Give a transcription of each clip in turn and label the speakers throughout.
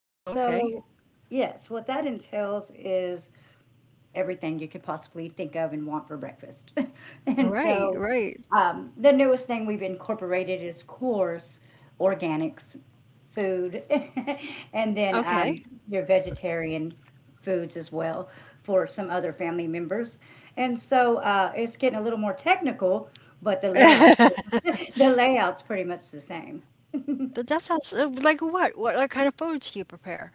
Speaker 1: And
Speaker 2: Oh, okay.
Speaker 1: so, yes, what that entails is everything you could possibly think of and want for breakfast. And
Speaker 2: Right,
Speaker 1: so
Speaker 2: right.
Speaker 1: the newest thing we've incorporated is coarse organics food, and then
Speaker 2: Okay.
Speaker 1: your vegetarian foods as well for some other family members. And so it's getting a little more technical, but the layout the layout's pretty much the same.
Speaker 2: That sounds like what? What kind of foods do you prepare?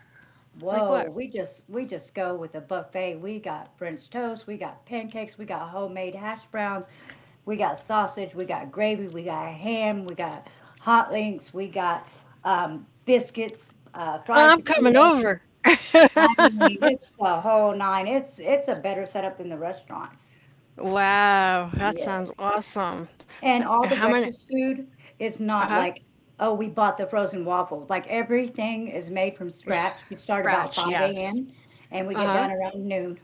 Speaker 2: Like
Speaker 1: Whoa,
Speaker 2: what?
Speaker 1: we just go with a buffet. We got French toast, we got pancakes, we got homemade hash browns, we got sausage, we got gravy, we got ham, we got hot links, we got biscuits, fried
Speaker 2: I'm coming
Speaker 1: potatoes.
Speaker 2: over.
Speaker 1: I mean, it's the whole nine. It's a better setup than the restaurant.
Speaker 2: Wow, that sounds
Speaker 1: Yes.
Speaker 2: awesome.
Speaker 1: And
Speaker 2: That—
Speaker 1: all the
Speaker 2: how many?
Speaker 1: breakfast food is not
Speaker 2: Uh-huh.
Speaker 1: like, oh, we bought the frozen waffles. Like everything is made from
Speaker 2: It's
Speaker 1: scratch. We start about
Speaker 2: scratch,
Speaker 1: 5
Speaker 2: yes.
Speaker 1: a.m. and we get
Speaker 2: Uh-huh.
Speaker 1: done around noon.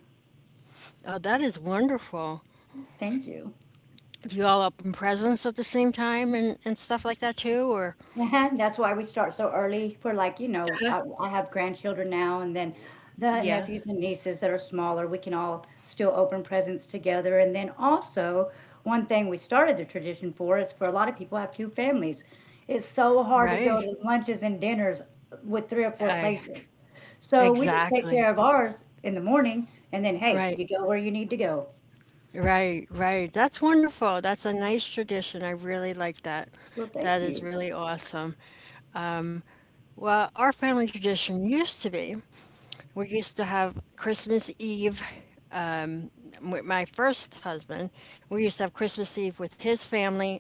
Speaker 2: Oh, that is wonderful.
Speaker 1: Thank you.
Speaker 2: Do you all open presents at the same time and, stuff like that too, or?
Speaker 1: Yeah, that's why we start so early. For like, you know,
Speaker 2: Uh-huh.
Speaker 1: I have grandchildren now, and then the
Speaker 2: Yeah,
Speaker 1: nephews and nieces that are smaller, we can all still open presents together. And then also, one thing we started the tradition for is for a lot of people have two families. It's so hard to go
Speaker 2: right.
Speaker 1: to lunches and dinners with three or four
Speaker 2: I
Speaker 1: places. So we just take care
Speaker 2: exactly.
Speaker 1: of ours in the morning and then, hey,
Speaker 2: Right,
Speaker 1: you go where you need to go.
Speaker 2: right, right. That's wonderful. That's a nice tradition. I really like that.
Speaker 1: Well, thank
Speaker 2: That is
Speaker 1: you.
Speaker 2: really awesome. Well, our family tradition used to be we used to have Christmas Eve with my first husband. We used to have Christmas Eve with his family,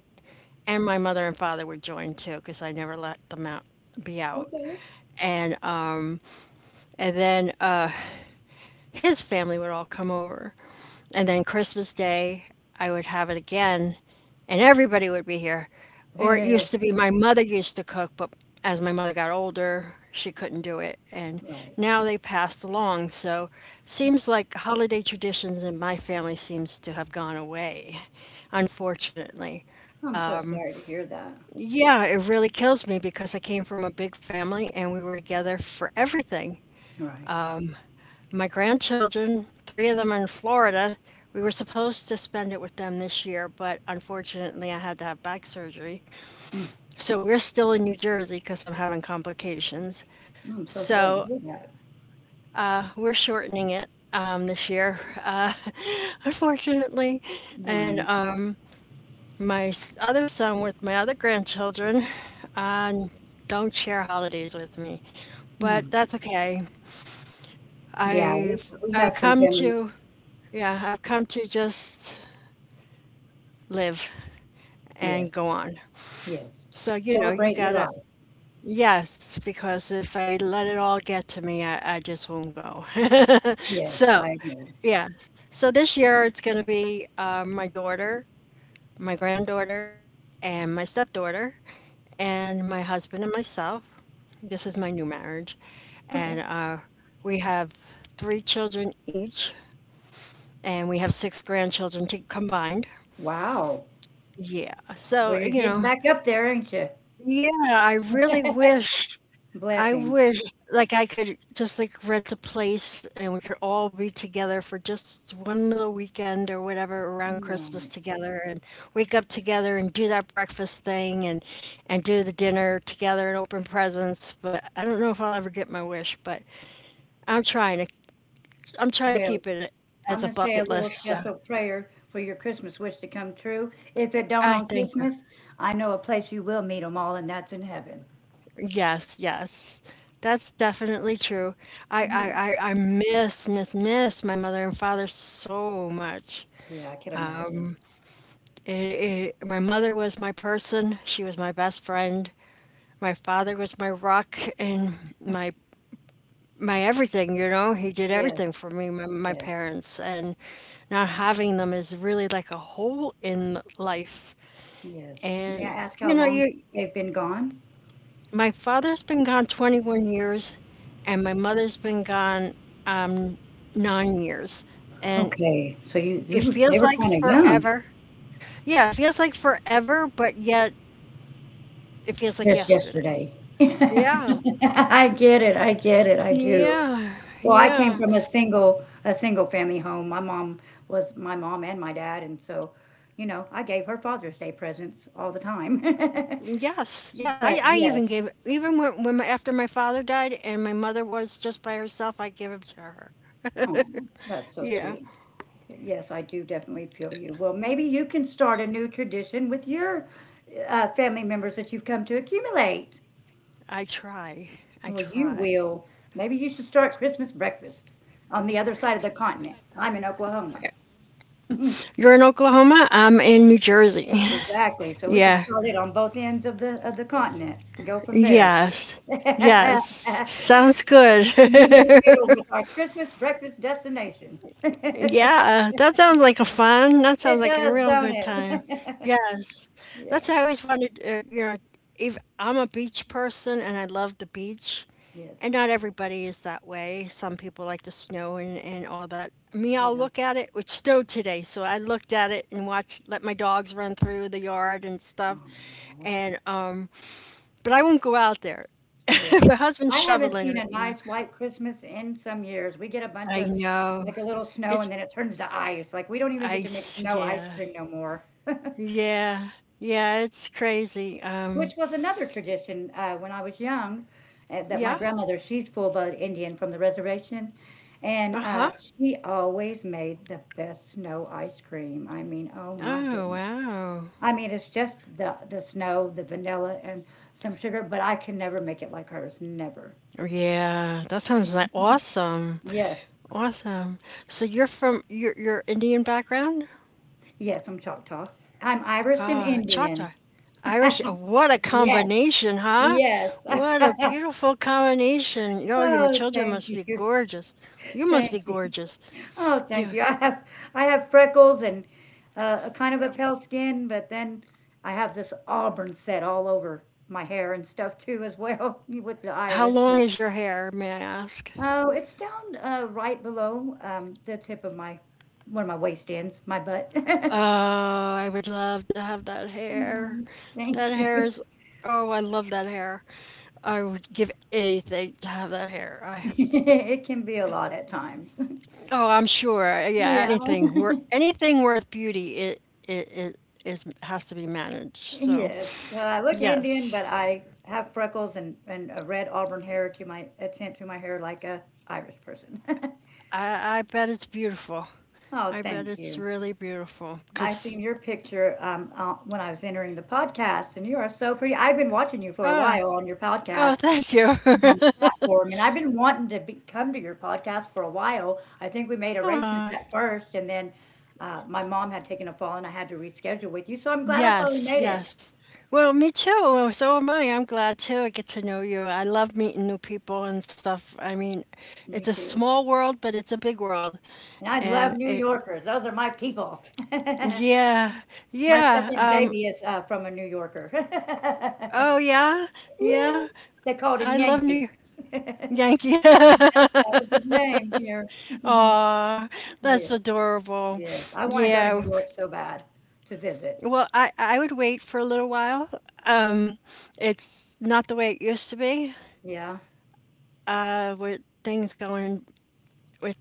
Speaker 2: and my mother and father would join too, because I never let them out be out.
Speaker 1: Okay.
Speaker 2: And uh, and then his family would all come over. And then Christmas Day, I would have it again, and everybody would be here. Or it used to be my mother used to cook, but as my mother got older, she couldn't do it. And
Speaker 1: Right.
Speaker 2: now they passed along. So seems like holiday traditions in my family seems to have gone away, unfortunately.
Speaker 1: I'm so sorry to hear that.
Speaker 2: Yeah, it really kills me because I came from a big family and we were together for everything.
Speaker 1: Right.
Speaker 2: My grandchildren, three of them are in Florida. We were supposed to spend it with them this year, but unfortunately, I had to have back surgery.
Speaker 1: Mm,
Speaker 2: So we're still in New Jersey because I'm having complications.
Speaker 1: mm, I'm so sorry to
Speaker 2: So
Speaker 1: hear that.
Speaker 2: we're shortening it this year, unfortunately. And
Speaker 1: Right.
Speaker 2: my s- other son with my other grandchildren uh, don't share holidays with me,
Speaker 1: Mm.
Speaker 2: but that's okay.
Speaker 1: Yeah, we
Speaker 2: I've
Speaker 1: have
Speaker 2: I've
Speaker 1: some
Speaker 2: come
Speaker 1: family.
Speaker 2: to yeah, I've come to just live and
Speaker 1: Yes.
Speaker 2: go on.
Speaker 1: Yes.
Speaker 2: So, you know, you
Speaker 1: Celebrate your
Speaker 2: gotta,
Speaker 1: life.
Speaker 2: yes, because if I let it all get to me, I just won't go.
Speaker 1: Yes,
Speaker 2: So,
Speaker 1: I agree.
Speaker 2: yeah. So this year it's gonna be my daughter, my granddaughter, and my stepdaughter, and my husband and myself. This is my new marriage. And
Speaker 1: Okay.
Speaker 2: we have three children each, and we have six grandchildren to combined.
Speaker 1: Wow.
Speaker 2: Yeah.
Speaker 1: Well,
Speaker 2: So,
Speaker 1: you're
Speaker 2: you
Speaker 1: getting
Speaker 2: know,
Speaker 1: back up there, ain't you?
Speaker 2: yeah, I really wish I
Speaker 1: Blessings.
Speaker 2: wish, like, I could just, like, rent a place and we could all be together for just one little weekend or whatever around Christmas
Speaker 1: Right.
Speaker 2: together and wake up together and do that breakfast thing and do the dinner together and open presents. But I don't know if I'll ever get my wish, but I'm trying to I'm trying to
Speaker 1: Well,
Speaker 2: keep it a-
Speaker 1: I'm
Speaker 2: as a
Speaker 1: going to say a
Speaker 2: bucket
Speaker 1: little
Speaker 2: list. So
Speaker 1: special prayer for your Christmas wish to come true. If it don't
Speaker 2: I
Speaker 1: on
Speaker 2: think
Speaker 1: Christmas, I know a place you will meet them all, and that's in heaven.
Speaker 2: yes, yes. That's definitely true. I, I, I, I miss, miss, miss my mother and father so much.
Speaker 1: Yeah, I can imagine.
Speaker 2: It, my mother was my person. She was my best friend. My father was my rock and my everything. You know, he did everything
Speaker 1: Yes.
Speaker 2: for me. My
Speaker 1: Yes.
Speaker 2: parents and not having them is really like a hole in life.
Speaker 1: Yes. May I
Speaker 2: And
Speaker 1: ask
Speaker 2: you
Speaker 1: how
Speaker 2: know,
Speaker 1: long
Speaker 2: you
Speaker 1: they've been gone?
Speaker 2: my father's been gone 21 years, and my mother's been gone um, 9 years, and
Speaker 1: Okay, so you
Speaker 2: it
Speaker 1: were they
Speaker 2: feels
Speaker 1: were
Speaker 2: like
Speaker 1: kinda young,
Speaker 2: forever. Yeah, it feels like forever, but yet it feels like
Speaker 1: just
Speaker 2: yesterday.
Speaker 1: yesterday.
Speaker 2: Yeah.
Speaker 1: I get it, I get it, I do.
Speaker 2: Yeah.
Speaker 1: Well, I came
Speaker 2: Yeah.
Speaker 1: from a single family home. My mom was my mom and my dad, and so, you know, I gave her Father's Day presents all the time.
Speaker 2: Yes. Yeah.
Speaker 1: But
Speaker 2: I even
Speaker 1: yes.
Speaker 2: gave it, even when my, after my father died and my mother was just by herself, I gave it to her.
Speaker 1: Oh, that's so
Speaker 2: Yeah.
Speaker 1: sweet. Yes, I do definitely feel you. Well, maybe you can start a new tradition with your family members that you've come to accumulate.
Speaker 2: I try. I
Speaker 1: Well, you
Speaker 2: try.
Speaker 1: will. Maybe you should start Christmas breakfast on the other side of the continent. I'm in Oklahoma.
Speaker 2: You're in Oklahoma? I'm in New Jersey.
Speaker 1: Exactly. So we could
Speaker 2: Yeah.
Speaker 1: start it on both ends of the continent and go from there.
Speaker 2: Yes.
Speaker 1: Meet
Speaker 2: Yes.
Speaker 1: in
Speaker 2: Sounds good.
Speaker 1: the middle with our Christmas breakfast destination. It
Speaker 2: Yeah, that sounds like a fun. That sounds like a
Speaker 1: does,
Speaker 2: real
Speaker 1: don't
Speaker 2: good time.
Speaker 1: it?
Speaker 2: Yes. That's
Speaker 1: Yes.
Speaker 2: I always wanted, you know, if I'm a beach person and I love the beach, and
Speaker 1: Yes.
Speaker 2: not everybody is that way. Some people like the snow and all that. Me, I'll
Speaker 1: Yeah.
Speaker 2: look at it. It snowed today, so I looked at it and watched, let my dogs run through the yard and stuff.
Speaker 1: Aw.
Speaker 2: And, but I won't go out there.
Speaker 1: Yes.
Speaker 2: My husband's
Speaker 1: I haven't
Speaker 2: shoveling
Speaker 1: seen
Speaker 2: right
Speaker 1: a
Speaker 2: now.
Speaker 1: nice white Christmas in some years. We get a bunch
Speaker 2: I
Speaker 1: of
Speaker 2: know.
Speaker 1: like a little snow and
Speaker 2: It's,
Speaker 1: then it turns to ice. Like, we don't even get to make snow ice
Speaker 2: yeah.
Speaker 1: cream no more,
Speaker 2: Yeah. Yeah, it's crazy.
Speaker 1: which was another tradition when I was young, that my
Speaker 2: Yeah.
Speaker 1: grandmother, she's full blood Indian from the reservation. And
Speaker 2: Uh-huh.
Speaker 1: she always made the best snow ice cream. I mean, oh my
Speaker 2: Oh,
Speaker 1: goodness.
Speaker 2: wow.
Speaker 1: I mean, it's just the snow, the vanilla, and some sugar, but I can never make it like hers. Never.
Speaker 2: Yeah, that sounds like awesome.
Speaker 1: Yes.
Speaker 2: Awesome. So you're from your Indian background?
Speaker 1: Yes, I'm Choctaw. I'm Irish and
Speaker 2: Ah,
Speaker 1: Indian.
Speaker 2: Chata. Irish. What a
Speaker 1: Yes,
Speaker 2: combination, huh?
Speaker 1: yes.
Speaker 2: What a beautiful combination. Yo, your
Speaker 1: Oh,
Speaker 2: children
Speaker 1: thank
Speaker 2: must be
Speaker 1: you.
Speaker 2: gorgeous. You must be
Speaker 1: Thank you.
Speaker 2: gorgeous.
Speaker 1: Oh,
Speaker 2: Do
Speaker 1: thank
Speaker 2: you,
Speaker 1: you. I have freckles and a kind of a pale skin, but then I have this auburn set all over my hair and stuff too as well with the
Speaker 2: how
Speaker 1: Irish.
Speaker 2: long
Speaker 1: So.
Speaker 2: is your hair, may I ask?
Speaker 1: Oh, it's down right below the tip of my where my waist ends, my butt.
Speaker 2: Oh, I would love to have that hair.
Speaker 1: Mm,
Speaker 2: That
Speaker 1: thank
Speaker 2: hair
Speaker 1: you.
Speaker 2: is. Oh, I love that hair. I would give anything to have that hair. I have,
Speaker 1: It can be a lot at times.
Speaker 2: oh, I'm sure. Yeah,
Speaker 1: Yeah.
Speaker 2: anything where anything worth beauty, it is has to be managed. So
Speaker 1: Yes. Well, I look Indian,
Speaker 2: yes,
Speaker 1: but I have freckles and a red auburn hair to my attempt to my hair like a Irish person.
Speaker 2: I bet it's beautiful.
Speaker 1: Oh,
Speaker 2: I bet
Speaker 1: thank
Speaker 2: it's
Speaker 1: you.
Speaker 2: really beautiful.
Speaker 1: I seen
Speaker 2: Cause
Speaker 1: your picture when I was entering the podcast, and you are so pretty. I've been watching you for a
Speaker 2: ah
Speaker 1: while on your
Speaker 2: oh,
Speaker 1: podcast
Speaker 2: thank you.
Speaker 1: and on the platform, and I've been wanting to be, come to your podcast for a while. I think we made arrangements
Speaker 2: Ah.
Speaker 1: at first, and then my mom had taken a fall, and I had to reschedule with you. So I'm glad I finally
Speaker 2: Yes,
Speaker 1: made it.
Speaker 2: yes. Well, me too. Well, so am I. I'm glad too. I get to know you. I love meeting new people and stuff. I mean,
Speaker 1: Me
Speaker 2: it's a
Speaker 1: too.
Speaker 2: small world, but it's a big world.
Speaker 1: And I love
Speaker 2: And
Speaker 1: New
Speaker 2: it,
Speaker 1: Yorkers. Those are my people.
Speaker 2: yeah,
Speaker 1: My
Speaker 2: yeah.
Speaker 1: second baby is from a New Yorker.
Speaker 2: Oh yeah, yeah.
Speaker 1: Yes. They called him
Speaker 2: I love
Speaker 1: Yankee.
Speaker 2: New York.
Speaker 1: That
Speaker 2: Yankee.
Speaker 1: was his name here.
Speaker 2: That's
Speaker 1: Yes.
Speaker 2: adorable.
Speaker 1: Yes. I want to go to
Speaker 2: Yeah.
Speaker 1: New York so bad to visit.
Speaker 2: Well, I would wait for a little while. Um, it's not the way it used to be.
Speaker 1: Yeah.
Speaker 2: With things going with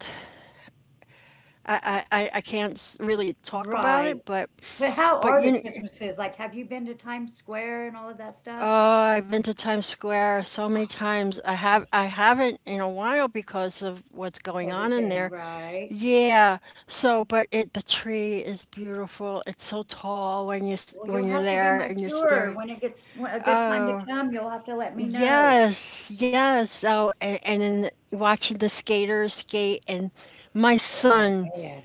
Speaker 2: I can't really talk about
Speaker 1: Right.
Speaker 2: it,
Speaker 1: But how
Speaker 2: but
Speaker 1: are
Speaker 2: you
Speaker 1: the
Speaker 2: know,
Speaker 1: Christmases? Like, have you been to Times Square and all of that stuff?
Speaker 2: oh, I've been to Times Square so many times. I have
Speaker 1: Oh,
Speaker 2: I haven't in a while because of what's going on in
Speaker 1: everything,
Speaker 2: there.
Speaker 1: right?
Speaker 2: Yeah. So, but it the tree is beautiful. It's so tall when you s-
Speaker 1: Well, you'll
Speaker 2: when you're
Speaker 1: have to be
Speaker 2: there
Speaker 1: my
Speaker 2: and you're
Speaker 1: tour
Speaker 2: staring.
Speaker 1: when it gets a good time to
Speaker 2: Oh,
Speaker 1: come. You'll have to let me know.
Speaker 2: yes, yes. Oh, and in the, watching the skaters skate and my
Speaker 1: Oh,
Speaker 2: son
Speaker 1: man.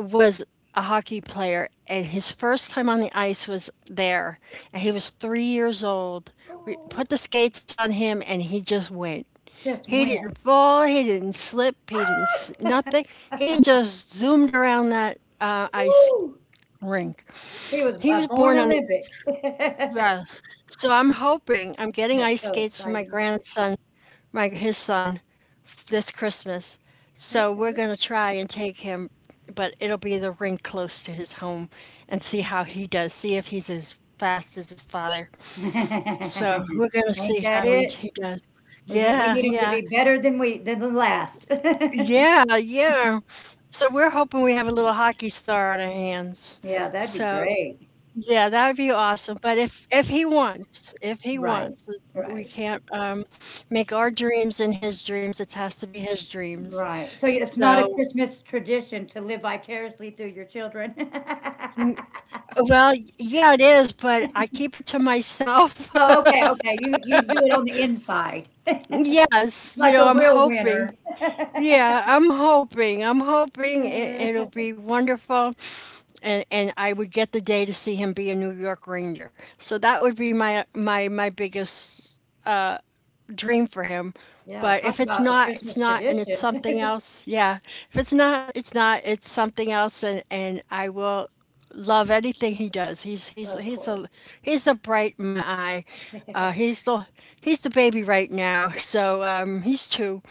Speaker 2: was a hockey player, and his first time on the ice was there, and he was 3 years old. We
Speaker 1: Oh.
Speaker 2: put the skates on him, and he just went.
Speaker 1: Just
Speaker 2: He
Speaker 1: went.
Speaker 2: didn't fall. He didn't slip. He
Speaker 1: Ah!
Speaker 2: didn't nothing. He just zoomed around that ice
Speaker 1: Woo!
Speaker 2: rink.
Speaker 1: He was
Speaker 2: He
Speaker 1: a
Speaker 2: was
Speaker 1: born
Speaker 2: born on the
Speaker 1: Olympic.
Speaker 2: ice. Yeah. So I'm hoping I'm getting
Speaker 1: That's
Speaker 2: ice
Speaker 1: so
Speaker 2: skates for my
Speaker 1: exciting.
Speaker 2: grandson my his son f- this Christmas. So we're
Speaker 1: Okay.
Speaker 2: going to try and take him, but it'll be the ring close to his home and see how he does. See if he's as fast as his father. So we're going to
Speaker 1: Ain't
Speaker 2: see
Speaker 1: that
Speaker 2: how
Speaker 1: it?
Speaker 2: he does.
Speaker 1: We get, we
Speaker 2: Yeah,
Speaker 1: need him to
Speaker 2: yeah,
Speaker 1: be better than we than the last.
Speaker 2: yeah, yeah. So we're hoping we have a little hockey star on our hands.
Speaker 1: Yeah, that'd be
Speaker 2: So.
Speaker 1: great.
Speaker 2: Yeah, that would be awesome. But if he
Speaker 1: Right,
Speaker 2: wants, we
Speaker 1: right,
Speaker 2: can't make our dreams and his dreams. It has to be his dreams.
Speaker 1: right. So it's not a
Speaker 2: So,
Speaker 1: Christmas tradition to live vicariously through your children.
Speaker 2: n- well, yeah, it is, but I keep it to myself.
Speaker 1: Oh, okay, okay. You do it on the inside,
Speaker 2: Yes, you
Speaker 1: like
Speaker 2: know,
Speaker 1: a
Speaker 2: I'm
Speaker 1: real winner.
Speaker 2: hoping. Yeah, I'm hoping. I'm hoping
Speaker 1: Yeah.
Speaker 2: it'll be wonderful, and I would get the day to see him be a New York Ranger. So that would be my my my biggest uh, dream for him.
Speaker 1: Yeah,
Speaker 2: But if
Speaker 1: talk
Speaker 2: it's
Speaker 1: about a
Speaker 2: not, it's
Speaker 1: Christmas
Speaker 2: not, and it's
Speaker 1: tradition.
Speaker 2: something else. Yeah, if it's not, it's not. It's something else, and I will love anything he does.
Speaker 1: Of course.
Speaker 2: He's a bright in my eye. Uh, he's the he's the baby right now, so he's two,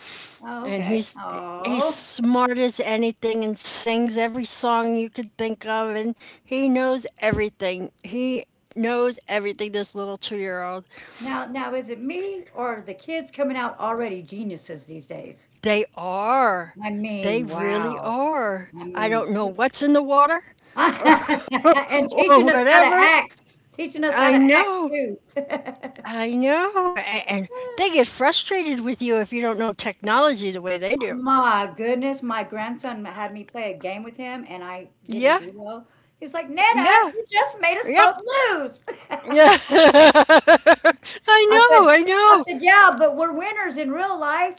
Speaker 1: Oh,
Speaker 2: and
Speaker 1: okay.
Speaker 2: he's
Speaker 1: Oh.
Speaker 2: smart as anything and sings every song you could think of, and he knows everything. He knows everything. This little 2 year old,
Speaker 1: Now is it me or the kids coming out already geniuses these days?
Speaker 2: they are.
Speaker 1: I
Speaker 2: They
Speaker 1: mean,
Speaker 2: really
Speaker 1: wow.
Speaker 2: are.
Speaker 1: I
Speaker 2: I
Speaker 1: mean,
Speaker 2: don't know
Speaker 1: te
Speaker 2: what's in the water
Speaker 1: and
Speaker 2: or
Speaker 1: teaching us how to
Speaker 2: whatever.
Speaker 1: act. Teaching us how
Speaker 2: I
Speaker 1: to act
Speaker 2: know.
Speaker 1: too.
Speaker 2: I know. And they get frustrated with you if you don't know technology the way they do.
Speaker 1: My goodness, my grandson had me play a game with him and I didn't
Speaker 2: Yeah.
Speaker 1: do well. He was like,
Speaker 2: Yeah.
Speaker 1: "Nana, you just made us
Speaker 2: Yep.
Speaker 1: both lose."
Speaker 2: Yeah. I
Speaker 1: I said,
Speaker 2: know. I
Speaker 1: I
Speaker 2: know.
Speaker 1: said, yeah, but we're winners in real life.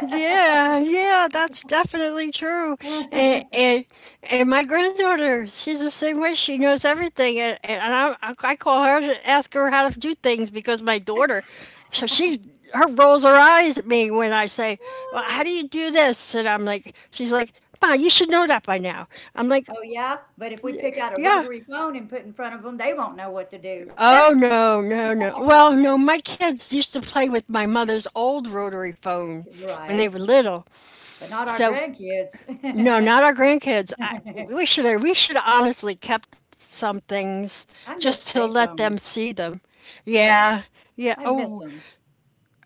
Speaker 2: Yeah, yeah, that's definitely true. And, and and my granddaughter, she's the same way. She knows everything, and, and I call her to ask her how to do things because my daughter, so she her rolls her eyes at me when I say, "Well, how
Speaker 1: Oh
Speaker 2: do you do this?" And I'm like, she's like, "Ma, you should know that by now." I'm like,
Speaker 1: yeah, but if we pick out a
Speaker 2: yeah.
Speaker 1: rotary phone and put in front of them, they won't know what to do.
Speaker 2: Oh no, no, no. Well, no, my kids used to play with my mother's old rotary phone when they
Speaker 1: Right,
Speaker 2: were little.
Speaker 1: but not our
Speaker 2: So
Speaker 1: grandkids.
Speaker 2: no, not our grandkids. I, we should have honestly kept some things
Speaker 1: I miss
Speaker 2: just to let them
Speaker 1: payphones.
Speaker 2: see them.
Speaker 1: Yes,
Speaker 2: Yeah, yeah.
Speaker 1: I miss
Speaker 2: Oh,
Speaker 1: them.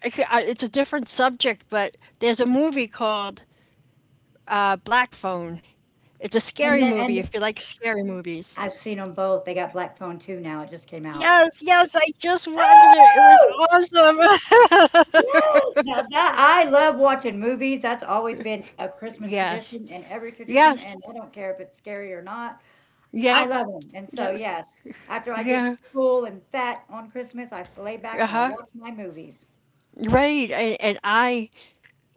Speaker 2: I c- I- it's a different subject, but there's a movie called Black Phone. It's a
Speaker 1: And
Speaker 2: scary
Speaker 1: then,
Speaker 2: movie
Speaker 1: and
Speaker 2: if you like scary movies.
Speaker 1: I've seen them both. They got black phone two now. It just came out.
Speaker 2: Yes, yes, I just watched it. It was
Speaker 1: Oh!
Speaker 2: awesome.
Speaker 1: Yes, now that I love watching movies. That's always been a Christmas
Speaker 2: yes,
Speaker 1: tradition and every tradition, and
Speaker 2: yes,
Speaker 1: I don't care if it's scary or not. I
Speaker 2: yep,
Speaker 1: love them. And so,
Speaker 2: yep,
Speaker 1: yes, after I get
Speaker 2: yeah,
Speaker 1: full and fat on Christmas, I lay back
Speaker 2: uh
Speaker 1: and I
Speaker 2: huh.
Speaker 1: watch my movies.
Speaker 2: Right, and I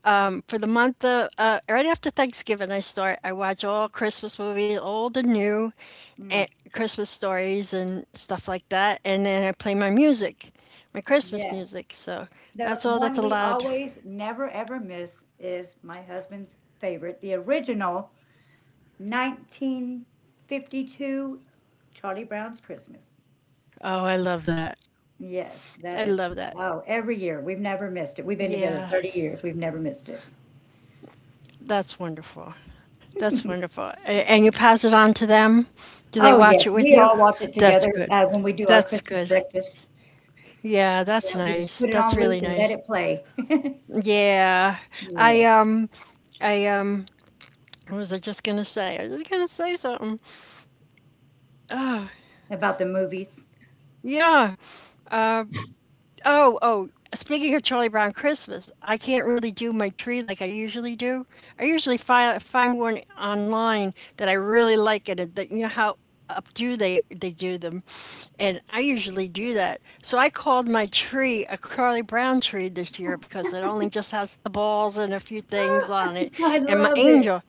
Speaker 2: for the month of right after Thanksgiving, I start. I watch all Christmas movies, old and new,
Speaker 1: Mm,
Speaker 2: and Christmas stories and stuff like that. And then I play my music, my Christmas
Speaker 1: yes.
Speaker 2: music. So
Speaker 1: The
Speaker 2: that's all that's
Speaker 1: one we
Speaker 2: allowed.
Speaker 1: always never ever miss is my husband's favorite, the original 1952 Charlie Brown's Christmas.
Speaker 2: Oh, I love that.
Speaker 1: Yes, that
Speaker 2: I love
Speaker 1: is
Speaker 2: that.
Speaker 1: oh, every year, we've never missed it. We've been together
Speaker 2: Yeah,
Speaker 1: 30 years, we've never missed it.
Speaker 2: that's wonderful. That's wonderful. And you pass it on to them. Do they
Speaker 1: Oh,
Speaker 2: watch
Speaker 1: yes,
Speaker 2: it with
Speaker 1: we
Speaker 2: you?
Speaker 1: all watch it
Speaker 2: That's
Speaker 1: together,
Speaker 2: good.
Speaker 1: when we do our
Speaker 2: That's
Speaker 1: Christmas
Speaker 2: good.
Speaker 1: breakfast.
Speaker 2: Yeah,
Speaker 1: Yeah,
Speaker 2: that's
Speaker 1: we just
Speaker 2: nice.
Speaker 1: put it
Speaker 2: That's
Speaker 1: on loop
Speaker 2: really
Speaker 1: and let
Speaker 2: nice.
Speaker 1: it play.
Speaker 2: Yeah. I
Speaker 1: Yes,
Speaker 2: um I What was I just going to say? I was just going to say something.
Speaker 1: about the movies.
Speaker 2: Yeah. Oh, oh. Speaking of Charlie Brown Christmas, I can't really do my tree like I usually do. I usually find one online that I really like, and that, you know how updo they do them, and I usually do that. So I called my tree a Charlie Brown tree this year because it only just has the balls and a few
Speaker 1: Oh,
Speaker 2: things on it,
Speaker 1: I
Speaker 2: and my
Speaker 1: love it.
Speaker 2: angel.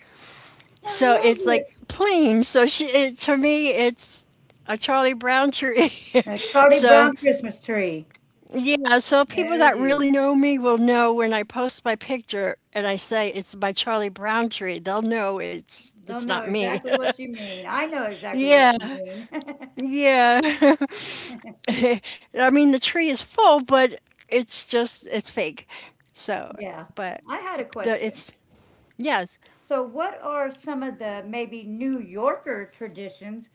Speaker 1: I
Speaker 2: So
Speaker 1: love
Speaker 2: it's like
Speaker 1: it.
Speaker 2: plain. So she, it, to me, it's a Charlie Brown tree.
Speaker 1: A Charlie
Speaker 2: So
Speaker 1: Brown Christmas tree.
Speaker 2: yeah, so people
Speaker 1: There it
Speaker 2: that
Speaker 1: is.
Speaker 2: really know me will know when I post my picture and I say it's my Charlie Brown tree. They'll know it's
Speaker 1: Don't
Speaker 2: it's
Speaker 1: know
Speaker 2: not me.
Speaker 1: exactly what you mean. I know exactly what
Speaker 2: Yeah,
Speaker 1: you mean.
Speaker 2: yeah. I mean the tree is full, but it's fake. So,
Speaker 1: Yeah.
Speaker 2: but
Speaker 1: I had a
Speaker 2: the,
Speaker 1: question.
Speaker 2: it's yes.
Speaker 1: So, what are some of the maybe New Yorker traditions,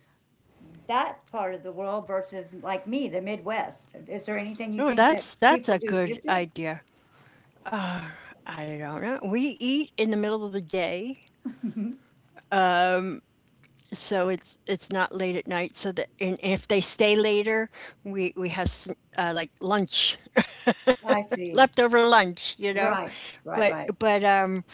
Speaker 1: that part of the world versus like me, the Midwest? Is there anything you
Speaker 2: Oh,
Speaker 1: think that
Speaker 2: that's
Speaker 1: people
Speaker 2: a
Speaker 1: do
Speaker 2: good
Speaker 1: different?
Speaker 2: idea. I don't know. We eat in the middle of the day, so it's not late at night. So that, and if they stay later, we have like, lunch,
Speaker 1: I see.
Speaker 2: leftover lunch.
Speaker 1: Right, right,
Speaker 2: But
Speaker 1: right.
Speaker 2: but um,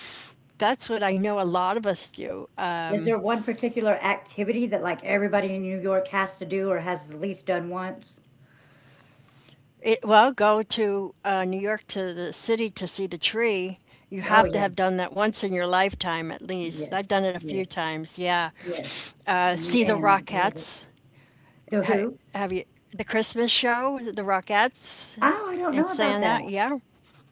Speaker 2: that's what I know a lot of us do.
Speaker 1: Is there one particular activity that like everybody in New York has to do or has at least done once?
Speaker 2: Well, go to New York, to the city, to see the tree. You
Speaker 1: Oh,
Speaker 2: have to have
Speaker 1: yes,
Speaker 2: done that once in your lifetime, at least. I've
Speaker 1: yes,
Speaker 2: done it a few
Speaker 1: yes,
Speaker 2: times. Yeah,
Speaker 1: yes.
Speaker 2: see the
Speaker 1: Man, I would love it.
Speaker 2: Rockettes.
Speaker 1: The
Speaker 2: Ha-
Speaker 1: Who?
Speaker 2: have you the Christmas show? The Rockettes
Speaker 1: Oh, I don't
Speaker 2: and
Speaker 1: know about
Speaker 2: Santa.
Speaker 1: that.
Speaker 2: Yeah.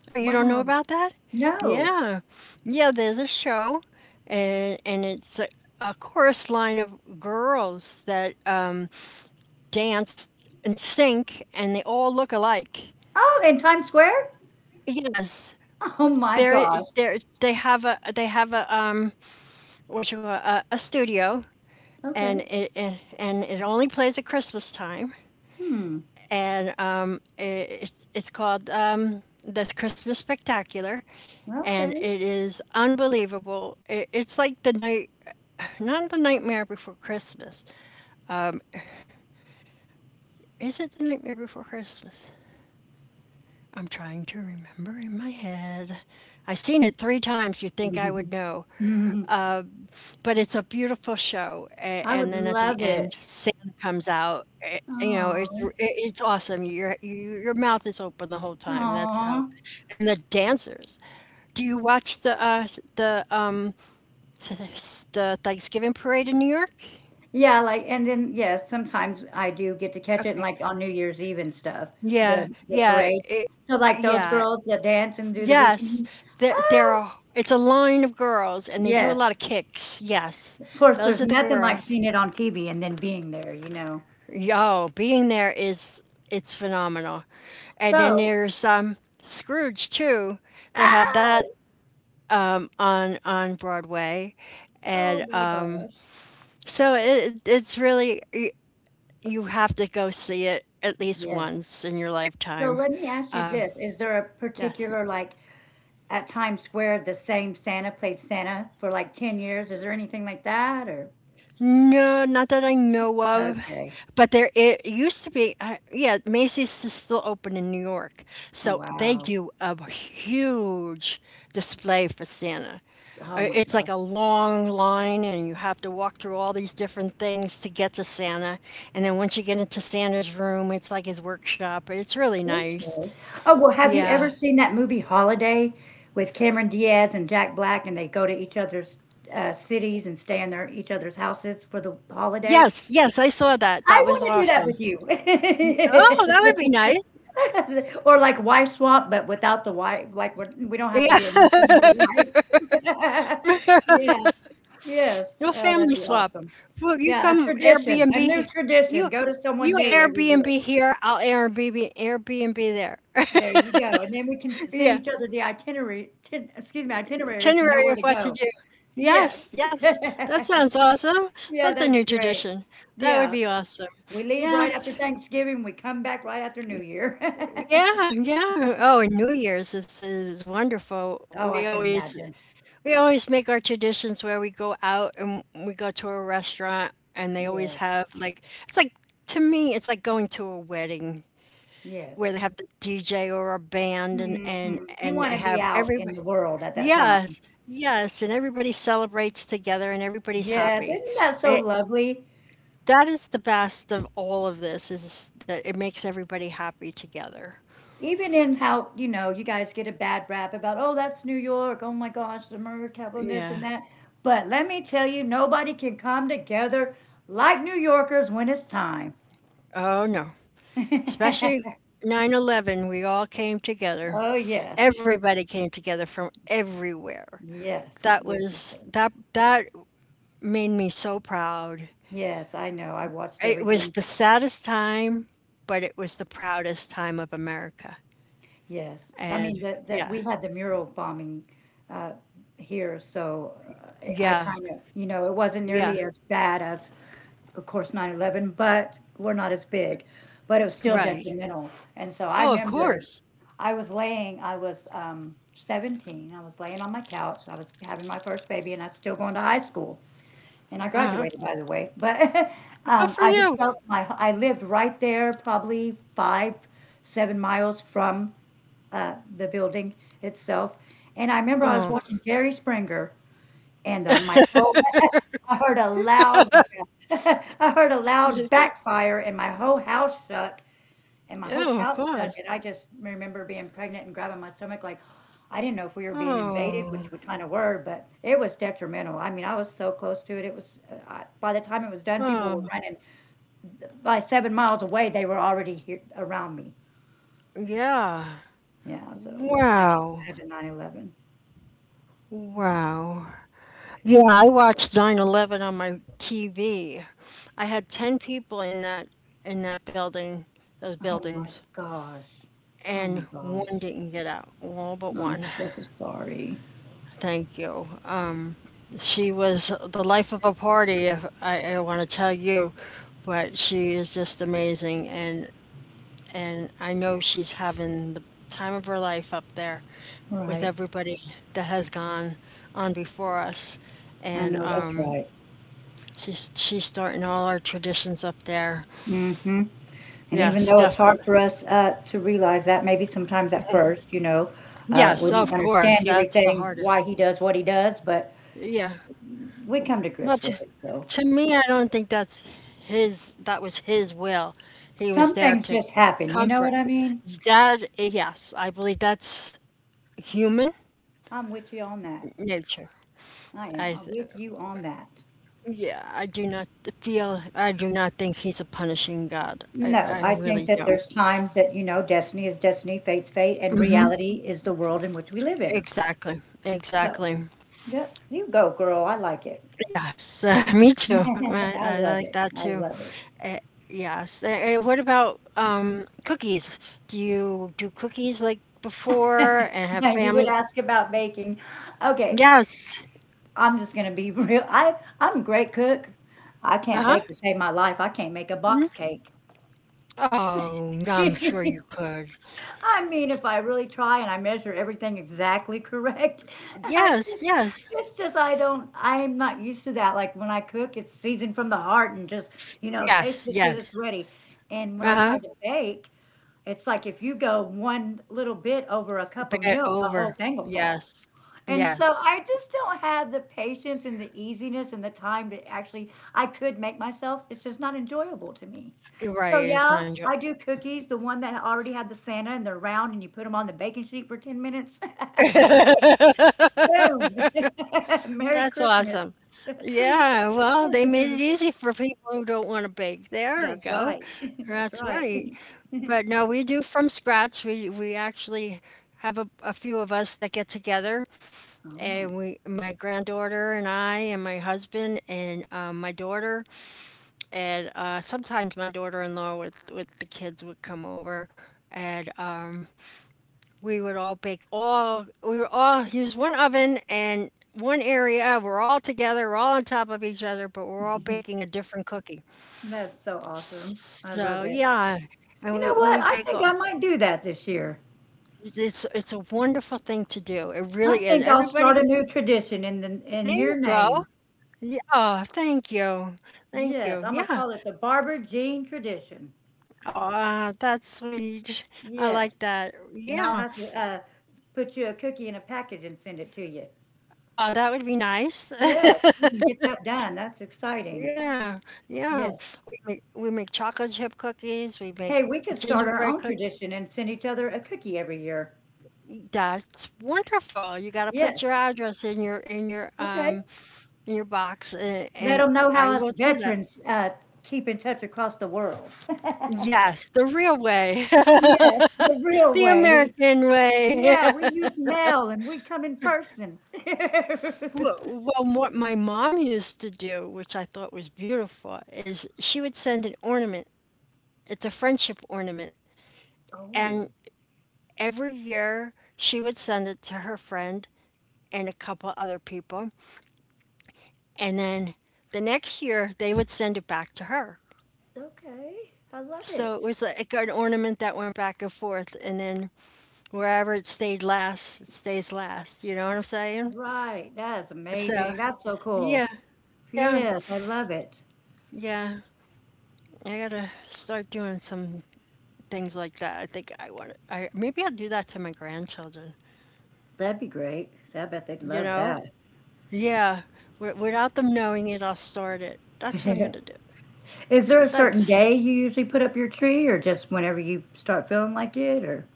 Speaker 2: Oh, you don't know
Speaker 1: Wow.
Speaker 2: about that?
Speaker 1: No.
Speaker 2: Yeah. Yeah, there's a show, and it's a chorus line of girls that dance and sync and they all look alike.
Speaker 1: Oh, in Times Square?
Speaker 2: Yes.
Speaker 1: Oh my
Speaker 2: They're,
Speaker 1: gosh.
Speaker 2: they have a what you call a studio,
Speaker 1: Okay.
Speaker 2: and it and it only plays at Christmas time,
Speaker 1: Hmm.
Speaker 2: and it's called this Christmas Spectacular, and
Speaker 1: Okay.
Speaker 2: it is unbelievable. It's like not the Nightmare Before Christmas. Is it the Nightmare Before Christmas? I'm trying to remember in my head. I've seen it three times. You'd think I would know, but it's a beautiful show. And,
Speaker 1: I
Speaker 2: and
Speaker 1: would
Speaker 2: then at the
Speaker 1: love
Speaker 2: end,
Speaker 1: it.
Speaker 2: Santa comes out. It's
Speaker 1: Oh.
Speaker 2: it's awesome. Your mouth is open the whole time. That's how,
Speaker 1: Aw.
Speaker 2: and the dancers. Do you watch the, the Thanksgiving parade in New York?
Speaker 1: Yeah, like, and then, yes, sometimes I do get to catch it,
Speaker 2: Okay.
Speaker 1: like, on New Year's Eve and stuff,
Speaker 2: Yeah,
Speaker 1: the
Speaker 2: yeah,
Speaker 1: parade.
Speaker 2: it
Speaker 1: So, like, those
Speaker 2: yeah.
Speaker 1: girls that dance and do the
Speaker 2: Yes,
Speaker 1: routines.
Speaker 2: there
Speaker 1: Oh,
Speaker 2: are it's a line of girls, and they do a lot
Speaker 1: yes.
Speaker 2: of kicks, yes.
Speaker 1: Of course,
Speaker 2: Those
Speaker 1: there's
Speaker 2: are the
Speaker 1: nothing like
Speaker 2: girls.
Speaker 1: seeing it on TV and then being there, you know?
Speaker 2: Yo, being there is it's phenomenal. And then
Speaker 1: So,
Speaker 2: there's, Scrooge too. They have
Speaker 1: ah,
Speaker 2: that, on Broadway,
Speaker 1: oh
Speaker 2: and,
Speaker 1: my
Speaker 2: um,
Speaker 1: gosh.
Speaker 2: so it's really, you have to go see it at least
Speaker 1: Yes.
Speaker 2: once in your
Speaker 1: So
Speaker 2: lifetime.
Speaker 1: let me ask you this. Is there a
Speaker 2: Yes.
Speaker 1: particular, like, at Times Square the same Santa played Santa for like 10 years? Is there anything like that or?
Speaker 2: No, not that I know of,
Speaker 1: Okay.
Speaker 2: but there it used to be. Yeah, Macy's is still open in New York,
Speaker 1: Oh,
Speaker 2: so they
Speaker 1: wow.
Speaker 2: do a huge display for Santa.
Speaker 1: Oh my
Speaker 2: It's like
Speaker 1: God.
Speaker 2: a long line, and you have to walk through all these different things to get to Santa. And then once you get into Santa's room, it's like his workshop. It's really nice.
Speaker 1: Okay. Oh, well, have you ever
Speaker 2: Yeah.
Speaker 1: seen that movie Holiday with Cameron Diaz and Jack Black, and they go to each other's cities and stay in their each other's houses for the holiday?
Speaker 2: Yes, yes, I saw that. That
Speaker 1: I
Speaker 2: was
Speaker 1: want to do that
Speaker 2: awesome.
Speaker 1: with
Speaker 2: Y Oh, that would be
Speaker 1: you.
Speaker 2: nice.
Speaker 1: Or like Wife Swap, but without the wife. Like we don't have to
Speaker 2: Yeah,
Speaker 1: be in this. Yeah. Yes,
Speaker 2: your
Speaker 1: oh, that'd
Speaker 2: family
Speaker 1: be
Speaker 2: swap.
Speaker 1: awesome.
Speaker 2: Well, you
Speaker 1: Yeah, a
Speaker 2: come
Speaker 1: tradition, a new
Speaker 2: Airbnb, you
Speaker 1: tradition, go to someone
Speaker 2: you
Speaker 1: new every year.
Speaker 2: Airbnb here, I'll Airbnb there.
Speaker 1: There you go, and then we can s send
Speaker 2: Yeah,
Speaker 1: each other the itinerary tin excuse me, itineraries to know
Speaker 2: itinerary
Speaker 1: where
Speaker 2: of
Speaker 1: to
Speaker 2: what to
Speaker 1: go.
Speaker 2: do. Yes,
Speaker 1: Yes.
Speaker 2: yes. That sounds awesome.
Speaker 1: Yeah,
Speaker 2: That's a
Speaker 1: that'd
Speaker 2: new
Speaker 1: be great.
Speaker 2: tradition. That would
Speaker 1: Yeah,
Speaker 2: be awesome.
Speaker 1: we leave right
Speaker 2: Yeah,
Speaker 1: after Thanksgiving, we come back right after New Year.
Speaker 2: yeah, yeah. Oh, and New Year's is wonderful.
Speaker 1: Oh, I can imagine.
Speaker 2: We always make our traditions where we go out and we go to a restaurant, and they always
Speaker 1: Yes,
Speaker 2: have, like, it's like, to me, it's like going to a wedding where they
Speaker 1: yes.
Speaker 2: have the DJ or a band, and and
Speaker 1: Mhm, you
Speaker 2: and they
Speaker 1: wanna be
Speaker 2: have
Speaker 1: out
Speaker 2: everybody,
Speaker 1: in the world at that time.
Speaker 2: yes, yes, and everybody celebrates together, and everybody's
Speaker 1: Yes,
Speaker 2: happy.
Speaker 1: isn't that so
Speaker 2: It,
Speaker 1: lovely?
Speaker 2: that is the best of all of this, is that it makes everybody happy together.
Speaker 1: Even in how, you know, you guys get a bad rap about, oh, that's New York, oh my gosh, the murder capital and this
Speaker 2: Yeah.
Speaker 1: and that, but let me tell you, nobody can come together like New Yorkers when it's time.
Speaker 2: Oh no. Especially 9/11, we all came together.
Speaker 1: Oh yes,
Speaker 2: Everybody came together from everywhere.
Speaker 1: yes,
Speaker 2: That
Speaker 1: yes, yes, yes.
Speaker 2: was that that made me so proud.
Speaker 1: Yes, I know, I watched
Speaker 2: It was
Speaker 1: everything.
Speaker 2: the saddest time, but it was the proudest time of America.
Speaker 1: Yes, I mean,
Speaker 2: And
Speaker 1: that we
Speaker 2: yeah,
Speaker 1: had the mural bombing uh, here, so I
Speaker 2: yeah,
Speaker 1: kind of, you know, it wasn't nearly
Speaker 2: yeah,
Speaker 1: as bad as, of course, 9/11, but we're not as big. But it was still
Speaker 2: right.
Speaker 1: detrimental. And so I
Speaker 2: Oh, of
Speaker 1: remember
Speaker 2: course.
Speaker 1: I was laying, I was 17. I was laying on my couch. I was having my first baby, and I was still going to high school. And I
Speaker 2: Uh-huh.
Speaker 1: graduated, by the way. But
Speaker 2: Good for
Speaker 1: I just
Speaker 2: you.
Speaker 1: felt my, I lived right there, probably five, seven miles from the building itself. And I remember I was
Speaker 2: Oh,
Speaker 1: watching Jerry Springer, and my whole I heard a loud like a I heard a loud backfire, and my whole house shook, and my whole
Speaker 2: oh,
Speaker 1: couch shook,
Speaker 2: God.
Speaker 1: and I just remember being pregnant and grabbing my stomach like I didn't know if we were being invaded,
Speaker 2: Oh,
Speaker 1: which we kind of were, but it was detrimental. I mean, I was so close to it. It was by the time it was done, people were
Speaker 2: oh,
Speaker 1: running by 7 miles away. They were already here around me.
Speaker 2: yeah.
Speaker 1: Yeah, so I can
Speaker 2: Wow,
Speaker 1: imagine 9/11.
Speaker 2: wow. Yeah, I watched 9/11 on my TV. I had 10 people in that building, those
Speaker 1: Oh my
Speaker 2: buildings,
Speaker 1: gosh. Oh my
Speaker 2: and
Speaker 1: gosh.
Speaker 2: one didn't get out. All but
Speaker 1: I'm
Speaker 2: one.
Speaker 1: so sorry.
Speaker 2: Thank you. She was the life of a party, if I want to tell you, but she is just amazing, and I know she's having the time of her life up there with
Speaker 1: Right.
Speaker 2: everybody that has gone on before us.
Speaker 1: I
Speaker 2: And
Speaker 1: know that's right.
Speaker 2: She's starting all our traditions up there.
Speaker 1: Mhm, and even
Speaker 2: Yes,
Speaker 1: though it's hard
Speaker 2: definitely.
Speaker 1: for us, to realize that maybe sometimes at first, you know, we
Speaker 2: Yes,
Speaker 1: don't
Speaker 2: of course,
Speaker 1: understand
Speaker 2: that's the
Speaker 1: everything, why
Speaker 2: hardest.
Speaker 1: he does what he does, but
Speaker 2: Yeah.
Speaker 1: we come to
Speaker 2: Well,
Speaker 1: grips
Speaker 2: to,
Speaker 1: with it, so
Speaker 2: to me, I don't think that was his will. He was
Speaker 1: some
Speaker 2: there
Speaker 1: things
Speaker 2: to
Speaker 1: just happen, you know what
Speaker 2: comfort.
Speaker 1: I mean?
Speaker 2: Yes, I believe that's human
Speaker 1: I'm with you on that.
Speaker 2: nature.
Speaker 1: I
Speaker 2: I,
Speaker 1: am,
Speaker 2: s-
Speaker 1: with you on that.
Speaker 2: yeah, I do not feel, I do not think he's a punishing God. I,
Speaker 1: No,
Speaker 2: I
Speaker 1: I
Speaker 2: really
Speaker 1: think that
Speaker 2: don't.
Speaker 1: there's times that, you know, destiny is destiny, fate's fate, and reality is the world in which we live in.
Speaker 2: Exactly,
Speaker 1: So,
Speaker 2: exactly.
Speaker 1: yep, you go, girl, I like it.
Speaker 2: Yes, me too. I,
Speaker 1: I
Speaker 2: I
Speaker 1: love
Speaker 2: like
Speaker 1: it,
Speaker 2: that
Speaker 1: I
Speaker 2: too.
Speaker 1: love it.
Speaker 2: Eh, yes. What about cookies? Do you do cookies, like, before and have
Speaker 1: Yeah, you would
Speaker 2: family?
Speaker 1: ask about baking. Okay,
Speaker 2: Yes.
Speaker 1: I'm just gonna be real. I'm a great cook. I can't
Speaker 2: Uh-huh.
Speaker 1: bake to save my life. I can't make a
Speaker 2: Mm.
Speaker 1: box cake.
Speaker 2: Oh, no, I'm sure you could.
Speaker 1: I mean, if I really try and I measure everything exactly correct, it's
Speaker 2: Yes,
Speaker 1: just
Speaker 2: yes.
Speaker 1: I don't, I'm not used to that. Like when I cook, it's seasoned from the heart and just, you know, taste
Speaker 2: Yes,
Speaker 1: it till
Speaker 2: yes.
Speaker 1: it's ready. And when I try
Speaker 2: Uh-huh.
Speaker 1: to bake, it's like if you go one little bit over a cup of
Speaker 2: Bet
Speaker 1: milk, the whole
Speaker 2: over.
Speaker 1: thing will fall.
Speaker 2: Yes.
Speaker 1: And so I
Speaker 2: Yes.
Speaker 1: just don't have the patience and the easiness and the time to actually I could make myself. It's just not enjoyable to me.
Speaker 2: You're right,
Speaker 1: So
Speaker 2: it's
Speaker 1: yeah,
Speaker 2: on.
Speaker 1: I do cookies, the one that already had the Santa and they're round and you put them on the baking sheet for 10 minutes. Boom. Merry
Speaker 2: That's
Speaker 1: Christmas.
Speaker 2: awesome.
Speaker 1: That's
Speaker 2: Yeah, well, they made it easy for people who don't want to bake. There we go.
Speaker 1: right. That's
Speaker 2: That's
Speaker 1: right.
Speaker 2: right. But no, we do from scratch. We actually have a few of us that get together,
Speaker 1: Oh,
Speaker 2: my granddaughter and I, and my husband, and my daughter, and sometimes my daughter-in-law with the kids would come over, and we would all bake, all we would all use one oven and one area. We're all together, we're all on top of each other, but we're all baking a different cookie.
Speaker 1: that's so awesome. I
Speaker 2: So
Speaker 1: love it.
Speaker 2: yeah, and
Speaker 1: You know
Speaker 2: we
Speaker 1: what?
Speaker 2: we
Speaker 1: I
Speaker 2: bake
Speaker 1: think
Speaker 2: all,
Speaker 1: I might do that this year.
Speaker 2: it's a wonderful thing to do, it
Speaker 1: I
Speaker 2: really is,
Speaker 1: think I'll start a
Speaker 2: everybody.
Speaker 1: new tradition in the,
Speaker 2: There
Speaker 1: in
Speaker 2: you
Speaker 1: your
Speaker 2: go.
Speaker 1: name.
Speaker 2: Yeah, oh thank you, thank
Speaker 1: Yes,
Speaker 2: you.
Speaker 1: I'm gonna
Speaker 2: Yeah.
Speaker 1: call it the Barber Jean tradition.
Speaker 2: Oh, that's sweet. I like
Speaker 1: Yes,
Speaker 2: that.
Speaker 1: and I'll
Speaker 2: Yeah.
Speaker 1: have to put you a cookie in a package and send it to you.
Speaker 2: Oh, that would be nice.
Speaker 1: Yes, we can get that done. That's exciting.
Speaker 2: Yeah, yeah.
Speaker 1: Yes.
Speaker 2: We make chocolate chip cookies, we make
Speaker 1: Hey, we could start our own
Speaker 2: gingerbread cookies.
Speaker 1: tradition and send each other a cookie every year.
Speaker 2: That's wonderful. You got to put your
Speaker 1: Yes.
Speaker 2: address in your in your
Speaker 1: Okay.
Speaker 2: um in your box, and,
Speaker 1: Let
Speaker 2: and
Speaker 1: them know how
Speaker 2: I
Speaker 1: us
Speaker 2: will do that.
Speaker 1: veterans keep in touch across the world.
Speaker 2: Yes, the real way,
Speaker 1: Yes, the
Speaker 2: the
Speaker 1: real way.
Speaker 2: American way.
Speaker 1: Yeah, we use mail and we come in person.
Speaker 2: Well, what my mom used to do, which I thought was beautiful, is she would send an ornament. It's a friendship ornament. And
Speaker 1: Oh,
Speaker 2: every year, she would send it to her friend and a couple other people. And then the next year, they would send it back to her.
Speaker 1: okay, I love
Speaker 2: So it
Speaker 1: it.
Speaker 2: was like an ornament that went back and forth. And then wherever it stayed last, it stays last. You know what I'm saying?
Speaker 1: Right, that's
Speaker 2: So,
Speaker 1: amazing, that's so cool.
Speaker 2: yeah, yeah,
Speaker 1: Yes, I love it.
Speaker 2: yeah. I gotta start doing some things like that. I think I want to, maybe I'll do that to my grandchildren,
Speaker 1: That'd be great. I bet they'd
Speaker 2: you
Speaker 1: love
Speaker 2: know?
Speaker 1: that.
Speaker 2: Yeah, without them knowing it, I'll start it. That's what I'm gonna do.
Speaker 1: Is there a certain
Speaker 2: Thanks.
Speaker 1: day you usually put up your tree or just whenever you start feeling like it or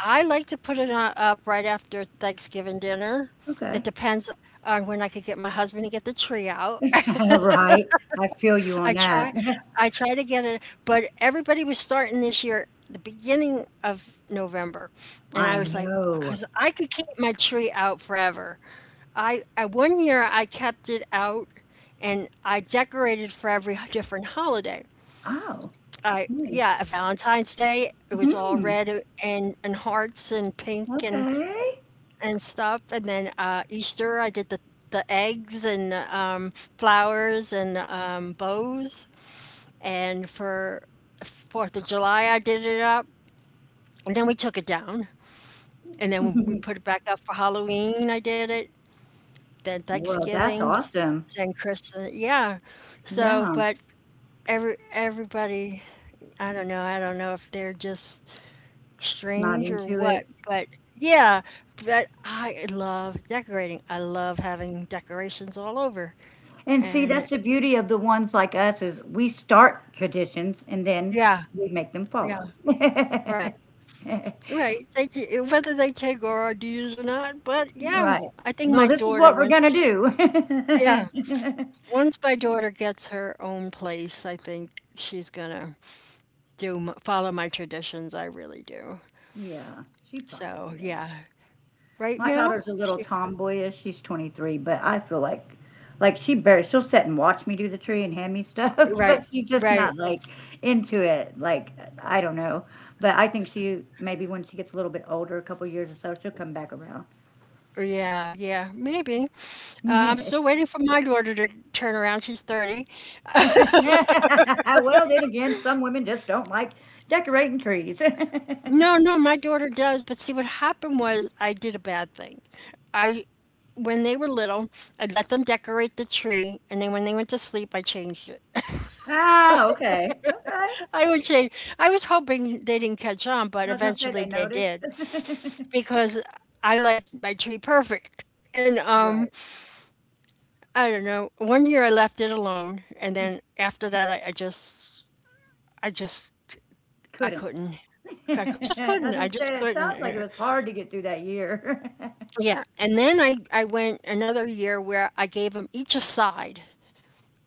Speaker 2: I like to put it on, up right after Thanksgiving dinner. It
Speaker 1: Okay.
Speaker 2: depends on when I could get my husband to get the tree out.
Speaker 1: Right, I feel you on
Speaker 2: I
Speaker 1: that.
Speaker 2: try, I try to get it, but everybody was starting this year the beginning of November, and
Speaker 1: I
Speaker 2: I was like,
Speaker 1: know.
Speaker 2: because I could keep my tree out forever. I One year I kept it out, and I decorated for every different holiday.
Speaker 1: Oh,
Speaker 2: I
Speaker 1: nice.
Speaker 2: Yeah, Valentine's Day. It was all
Speaker 1: Mhm,
Speaker 2: red, and hearts and pink, and
Speaker 1: okay.
Speaker 2: and stuff. And then Easter, I did the eggs and flowers and bows. And for Fourth of July, I did it up, and then we took it down, and then we put it back up for Halloween. I did it. Then
Speaker 1: Well, that's
Speaker 2: Thanksgiving,
Speaker 1: awesome.
Speaker 2: then Christmas. Yeah. So,
Speaker 1: Yeah,
Speaker 2: but everybody, I don't know. I don't know if they're just
Speaker 1: not
Speaker 2: strange or
Speaker 1: into
Speaker 2: what,
Speaker 1: it.
Speaker 2: but yeah, but I love decorating. I love having decorations all over.
Speaker 1: And see,
Speaker 2: And
Speaker 1: that's the beauty of the ones like us is we start traditions and then
Speaker 2: yeah,
Speaker 1: we make them
Speaker 2: yeah,
Speaker 1: follow.
Speaker 2: right. Right. They t whether they take our ideas or not, but yeah,
Speaker 1: Right.
Speaker 2: I think
Speaker 1: No,
Speaker 2: my
Speaker 1: this is
Speaker 2: daughter
Speaker 1: what we're gonna
Speaker 2: once
Speaker 1: do.
Speaker 2: yeah, once my daughter gets her own place, I think she's gonna do m follow my traditions. I really do.
Speaker 1: Yeah, she probably
Speaker 2: So,
Speaker 1: will.
Speaker 2: yeah. Right
Speaker 1: My
Speaker 2: now?
Speaker 1: daughter's a little
Speaker 2: She
Speaker 1: tomboyish. She's 23, but I feel like she barely she'll sit and watch me do the tree and hand me stuff,
Speaker 2: Right.
Speaker 1: but she's just
Speaker 2: Right.
Speaker 1: not like into it. Like I don't know. But I think she maybe when she gets a little bit older, a couple years or so, she'll come back around.
Speaker 2: Yeah, yeah, maybe. I'm still waiting for my daughter to turn around. She's 30.
Speaker 1: Well, then again, some women just don't like decorating trees.
Speaker 2: No, no, my daughter does. But see, what happened was I did a bad thing. I, when they were little, I let them decorate the tree, and then when they went to sleep, I changed it.
Speaker 1: Ah, okay, okay. I
Speaker 2: I would change. I was hoping they didn't catch on, but
Speaker 1: was gonna say
Speaker 2: eventually
Speaker 1: they
Speaker 2: they
Speaker 1: noticed.
Speaker 2: did because I like my tree perfect. And
Speaker 1: Right,
Speaker 2: I don't know. One year I left it alone, and then after that, I just, I
Speaker 1: couldn't.
Speaker 2: couldn't. I could, just
Speaker 1: I
Speaker 2: couldn't.
Speaker 1: was
Speaker 2: I
Speaker 1: gonna
Speaker 2: just
Speaker 1: say it sounds like it
Speaker 2: couldn't.
Speaker 1: was hard to get through that year.
Speaker 2: Yeah, and then I went another year where I gave them each a side,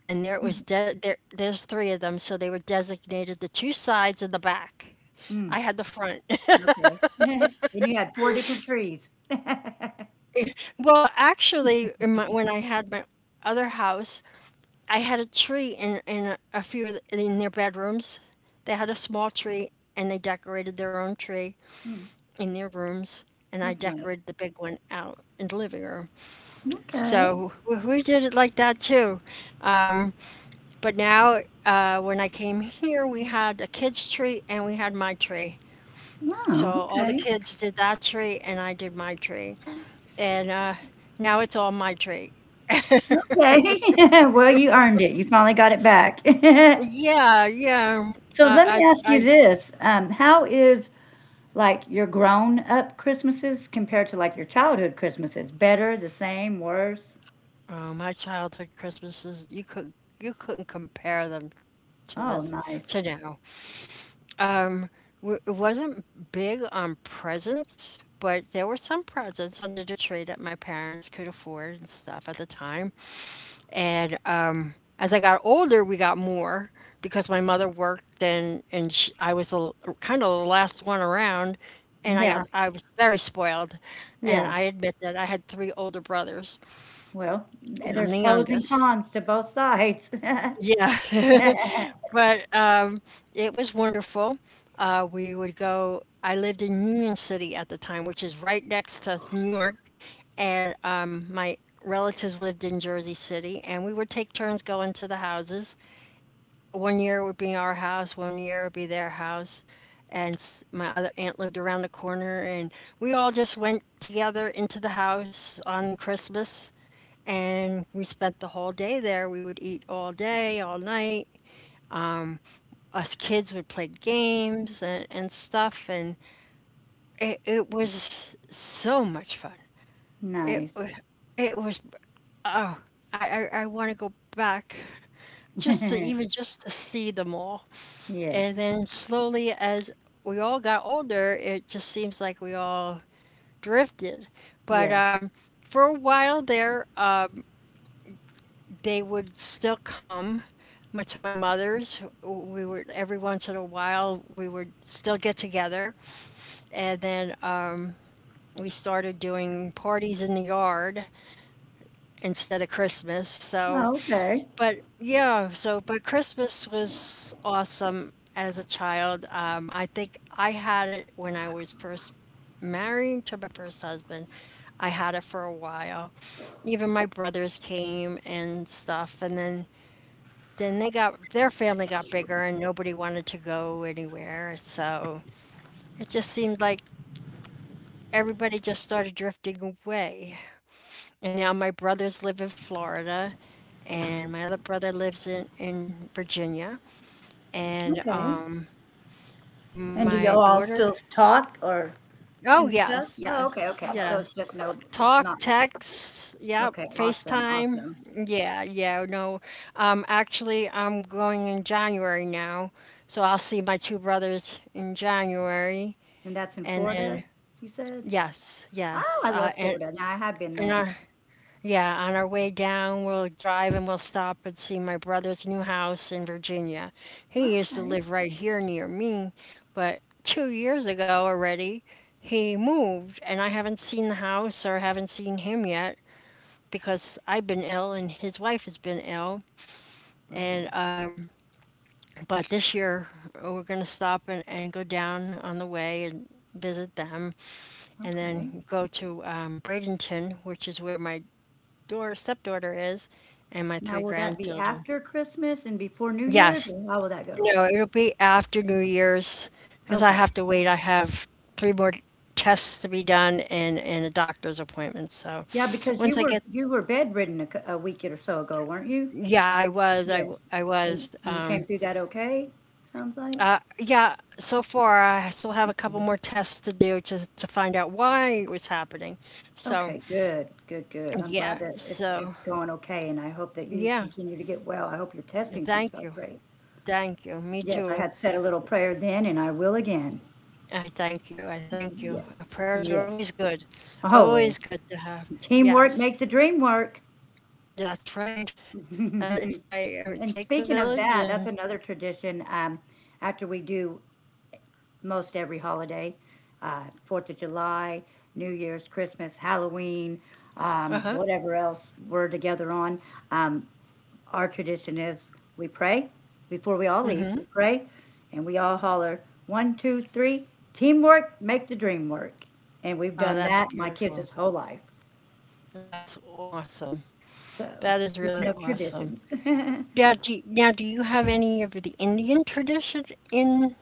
Speaker 2: and there it was de there there's three of them, so they were designated the two sides and the back.
Speaker 1: Mm,
Speaker 2: I had the front.
Speaker 1: okay. And you had 4 different trees. Mm,
Speaker 2: Well, actually, in my when I had my other house, I had a tree in a few of the in their bedrooms. They had a small tree, and they decorated their own tree in their rooms, and I
Speaker 1: that's nice.
Speaker 2: decorated the big one out in the living room.
Speaker 1: Okay.
Speaker 2: So, we did it like that too. Um But now, when I came here, we had a kids' tree and we had my tree. So
Speaker 1: Oh,
Speaker 2: all the
Speaker 1: okay.
Speaker 2: kids did that tree and I did my tree. And now it's all my tree.
Speaker 1: Okay. Well, you earned it. You finally got it back.
Speaker 2: Yeah, yeah.
Speaker 1: So let me
Speaker 2: I,
Speaker 1: ask you
Speaker 2: I,
Speaker 1: this. How is like your grown up Christmases compared to like your childhood Christmases? Better, the same, worse?
Speaker 2: I, oh, my childhood Christmases, you couldn't compare them to
Speaker 1: Oh,
Speaker 2: this,
Speaker 1: nice.
Speaker 2: to now. Um, it wasn't big on presents, but there were some presents under the tree that my parents could afford and stuff at the time, and as I got older, we got more because my mother worked and sh I was a kind of the last one around, and
Speaker 1: Yeah,
Speaker 2: I was very spoiled, and
Speaker 1: yeah.
Speaker 2: I admit that I had 3 older brothers,
Speaker 1: Well,
Speaker 2: and I'm
Speaker 1: there's
Speaker 2: the
Speaker 1: pros and
Speaker 2: youngest.
Speaker 1: cons to both sides.
Speaker 2: Yeah, but it was wonderful. We would go. I lived in Union City at the time, which is right next to New York, and my relatives lived in Jersey City, and we would take turns going to the houses. One year it would be our house, one year it would be their house. And my other aunt lived around the corner, and we all just went together into the house on Christmas. And we spent the whole day there. We would eat all day, all night. Us kids would play games and stuff. And it was so much fun. It, wa-
Speaker 1: Nice.
Speaker 2: it was, I want to go back just to even just to see them all. And
Speaker 1: Yes,
Speaker 2: then slowly, as we all got older, it just seems like we all drifted. But
Speaker 1: yes.
Speaker 2: For a while there, they would still come to my mother's. We would Every once in a while we would still get together, and then we started doing parties in the yard instead of Christmas. So
Speaker 1: Oh, okay,
Speaker 2: but yeah, so but Christmas was awesome as a child. I think I had it when I was first married to my first husband. I had it for a while. Even my brothers came and stuff, and then they got their family got bigger and nobody wanted to go anywhere. So it just seemed like everybody just started drifting away. And now my brothers live in Florida, and my other brother lives in Virginia. And
Speaker 1: okay. And do
Speaker 2: my
Speaker 1: y'all all
Speaker 2: daughter,
Speaker 1: still talk or
Speaker 2: oh
Speaker 1: and stuff?
Speaker 2: yes,
Speaker 1: Oh, okay,
Speaker 2: yes,
Speaker 1: okay. So it's
Speaker 2: yes.
Speaker 1: just no, it's
Speaker 2: Talk,
Speaker 1: not.
Speaker 2: text, yep,
Speaker 1: Okay, awesome,
Speaker 2: FaceTime.
Speaker 1: awesome.
Speaker 2: Yeah, yeah, no. Actually, I'm going in January now, so I'll see my 2 brothers in January,
Speaker 1: And that's in
Speaker 2: and
Speaker 1: Florida,
Speaker 2: then
Speaker 1: you said?
Speaker 2: yes,
Speaker 1: Oh,
Speaker 2: yes,
Speaker 1: I love Florida. Now I have been
Speaker 2: and
Speaker 1: there.
Speaker 2: I. Yeah, on our way down, we'll drive and we'll stop and see my brother's new house in Virginia. He used to
Speaker 1: Okay.
Speaker 2: live right here near me, but two years ago already, he moved, and I haven't seen the house or haven't seen him yet because I've been ill and his wife has been ill.
Speaker 1: Oh,
Speaker 2: And but this year we're gonna stop and go down on the way and visit them, and
Speaker 1: okay.
Speaker 2: then go to Bradenton, which is where my daughter stepdaughter is and my
Speaker 1: Now
Speaker 2: three
Speaker 1: will that be
Speaker 2: grandchildren.
Speaker 1: after Christmas and before New Year's,
Speaker 2: Yes.
Speaker 1: or how will that go?
Speaker 2: No, it'll be after New Year's because I have
Speaker 1: Okay.
Speaker 2: to wait. I have 3 more tests to be done and a doctor's appointment. So
Speaker 1: Yeah, because you
Speaker 2: once I
Speaker 1: were
Speaker 2: get,
Speaker 1: bedridden a, a week or so ago, weren't you?
Speaker 2: yeah,
Speaker 1: Yes.
Speaker 2: I was,
Speaker 1: And you came through that okay? Sounds like.
Speaker 2: yeah, so far I still have a couple
Speaker 1: Okay.
Speaker 2: more tests to do to find out why it was happening. So
Speaker 1: Okay, good. Good, good. I'm glad
Speaker 2: yeah,
Speaker 1: that
Speaker 2: so
Speaker 1: it's going okay, and I hope that you
Speaker 2: yeah,
Speaker 1: continue to get well. I hope your testing comes
Speaker 2: thank
Speaker 1: back
Speaker 2: you.
Speaker 1: great.
Speaker 2: Thank you. Me
Speaker 1: Yes, I
Speaker 2: too.
Speaker 1: had said a little prayer then and I will again.
Speaker 2: I thank you. I thank you.
Speaker 1: Yes,
Speaker 2: Prayers are always
Speaker 1: yes,
Speaker 2: good. Always
Speaker 1: always.
Speaker 2: good to have.
Speaker 1: Teamwork
Speaker 2: Yes.
Speaker 1: make the dream work.
Speaker 2: That's right. That is
Speaker 1: and
Speaker 2: right. It takes a
Speaker 1: speaking of
Speaker 2: village
Speaker 1: that, that's
Speaker 2: and
Speaker 1: another tradition. After we do most every holiday, 4th of July, New Year's, Christmas, Halloween,
Speaker 2: uh-huh.
Speaker 1: whatever else we're together on, um, our tradition is we pray before we all leave. We pray, and we all holler one, two, three. Teamwork make the dream work. And we've
Speaker 2: Oh,
Speaker 1: done
Speaker 2: that's
Speaker 1: that my
Speaker 2: beautiful.
Speaker 1: kids' whole life.
Speaker 2: That's awesome.
Speaker 1: So,
Speaker 2: That is
Speaker 1: speaking
Speaker 2: really
Speaker 1: of
Speaker 2: awesome.
Speaker 1: traditions, uh,
Speaker 2: Now, do you have any of the Indian tradition in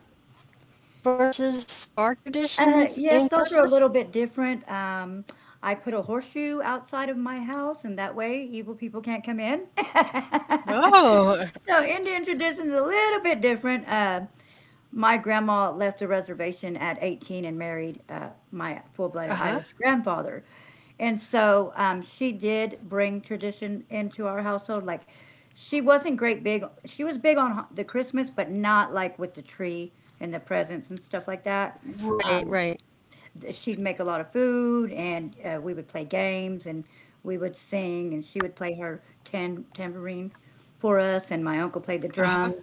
Speaker 2: versus our traditions in
Speaker 1: yes, those are a
Speaker 2: Christmas?
Speaker 1: little bit different. I put a horseshoe outside of my house, and that way evil people can't come in.
Speaker 2: Oh,
Speaker 1: So, Indian tradition's a little bit different. My grandma left the reservation at 18 and married my full-blooded Irish
Speaker 2: uh-huh.
Speaker 1: grandfather. And so she did bring tradition into our household. Like she wasn't great big. She was big on the Christmas, but not like with the tree and the presents and stuff like that.
Speaker 2: Right,
Speaker 1: Um,
Speaker 2: right.
Speaker 1: She'd make a lot of food, and we would play games, and we would sing, and she would play her tambourine for us, and my uncle played the
Speaker 2: Uh-huh.
Speaker 1: drums,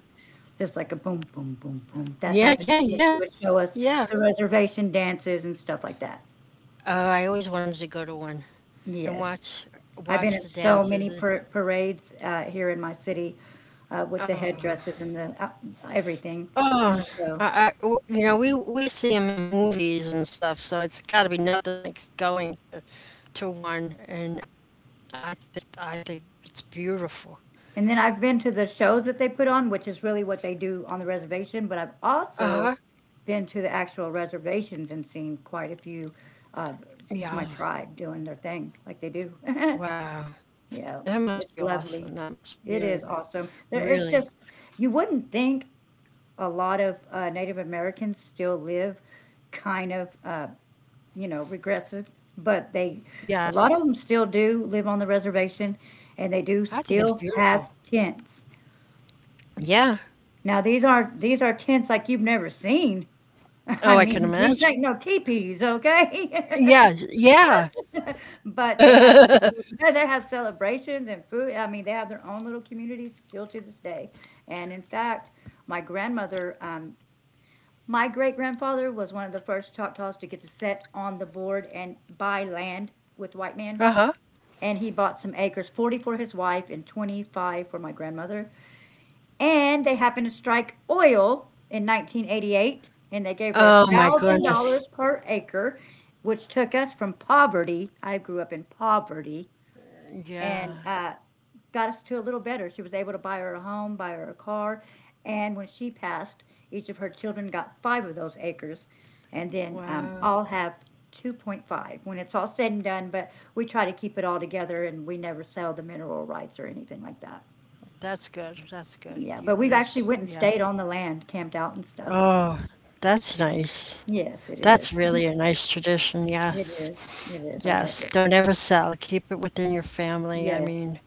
Speaker 1: just like a boom, boom, boom, boom, that
Speaker 2: Yeah,
Speaker 1: type of
Speaker 2: yeah,
Speaker 1: thing. And she
Speaker 2: yeah.
Speaker 1: would show us
Speaker 2: Yeah.
Speaker 1: the reservation dances and stuff like that.
Speaker 2: Oh, I always wanted to go to one and
Speaker 1: Yes.
Speaker 2: watch
Speaker 1: I've been at
Speaker 2: the
Speaker 1: so
Speaker 2: dances,
Speaker 1: many
Speaker 2: and
Speaker 1: parades here in my city with the
Speaker 2: oh,
Speaker 1: headdresses and the everything. And
Speaker 2: oh,
Speaker 1: so
Speaker 2: I w you know, we see them in movies and stuff, so it's gotta be nothing like s going to one, and I think it's beautiful.
Speaker 1: And then I've been to the shows that they put on, which is really what they do on the reservation, but I've also
Speaker 2: Uh-huh,
Speaker 1: been to the actual reservations and seen quite a few of
Speaker 2: yeah,
Speaker 1: just my tribe doing their thing like they do.
Speaker 2: wow,
Speaker 1: Yeah,
Speaker 2: that must
Speaker 1: it's
Speaker 2: be
Speaker 1: lovely.
Speaker 2: awesome, that must
Speaker 1: It is
Speaker 2: really,
Speaker 1: awesome. There, it's
Speaker 2: really
Speaker 1: just, you wouldn't think a lot of Native Americans still live kind of, you know, regressive, but they, a lot of
Speaker 2: yes,
Speaker 1: them still do live on the reservation and they do
Speaker 2: I think it's
Speaker 1: still have
Speaker 2: beautiful.
Speaker 1: tents.
Speaker 2: Yeah,
Speaker 1: Now these aren't these are tents like you've never seen. I
Speaker 2: oh, I can
Speaker 1: mean, these
Speaker 2: imagine.
Speaker 1: ain't no teepees, okay?
Speaker 2: Yes, yeah,
Speaker 1: But they have they have celebrations and food. I mean, they have their own little community still to this day. And in fact, my grandmother, um, my great grandfather was one of the first Choctaws to get to set on the board and buy land with white men.
Speaker 2: uh-huh.
Speaker 1: And he bought some acres, 40 for his wife and 25 for my grandmother. And they happened to strike oil in 1988, and they gave her a
Speaker 2: Oh my
Speaker 1: thousand
Speaker 2: goodness,
Speaker 1: dollars per acre, which took us from poverty. I grew up in poverty, and
Speaker 2: yeah,
Speaker 1: got us to a little better. She was able to buy her a home, buy her a car, and when she passed, each of her children got 5 of those acres, and then
Speaker 2: wow.
Speaker 1: all have 2.5 when it's all said and done. But we try to keep it all together, and we never sell the mineral rights or anything like that.
Speaker 2: That's good, that's good.
Speaker 1: Yeah, but
Speaker 2: Keep
Speaker 1: we've
Speaker 2: it
Speaker 1: actually
Speaker 2: as
Speaker 1: went and
Speaker 2: yeah.
Speaker 1: stayed on the land, camped out and stuff.
Speaker 2: Oh, that's nice.
Speaker 1: Yes, it is.
Speaker 2: That's really a nice tradition,
Speaker 1: It
Speaker 2: yes.
Speaker 1: is. It is. I love it.
Speaker 2: Yes, don't ever sell. Keep it within your family. I
Speaker 1: Yes.
Speaker 2: mean,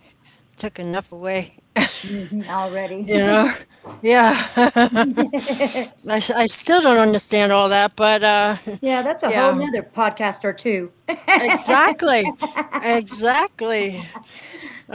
Speaker 2: took enough away,
Speaker 1: Already.
Speaker 2: you know? Yeah. I still don't understand all that, but
Speaker 1: Yeah, that's a whole
Speaker 2: yeah,
Speaker 1: nother podcast or two.
Speaker 2: exactly. Exactly.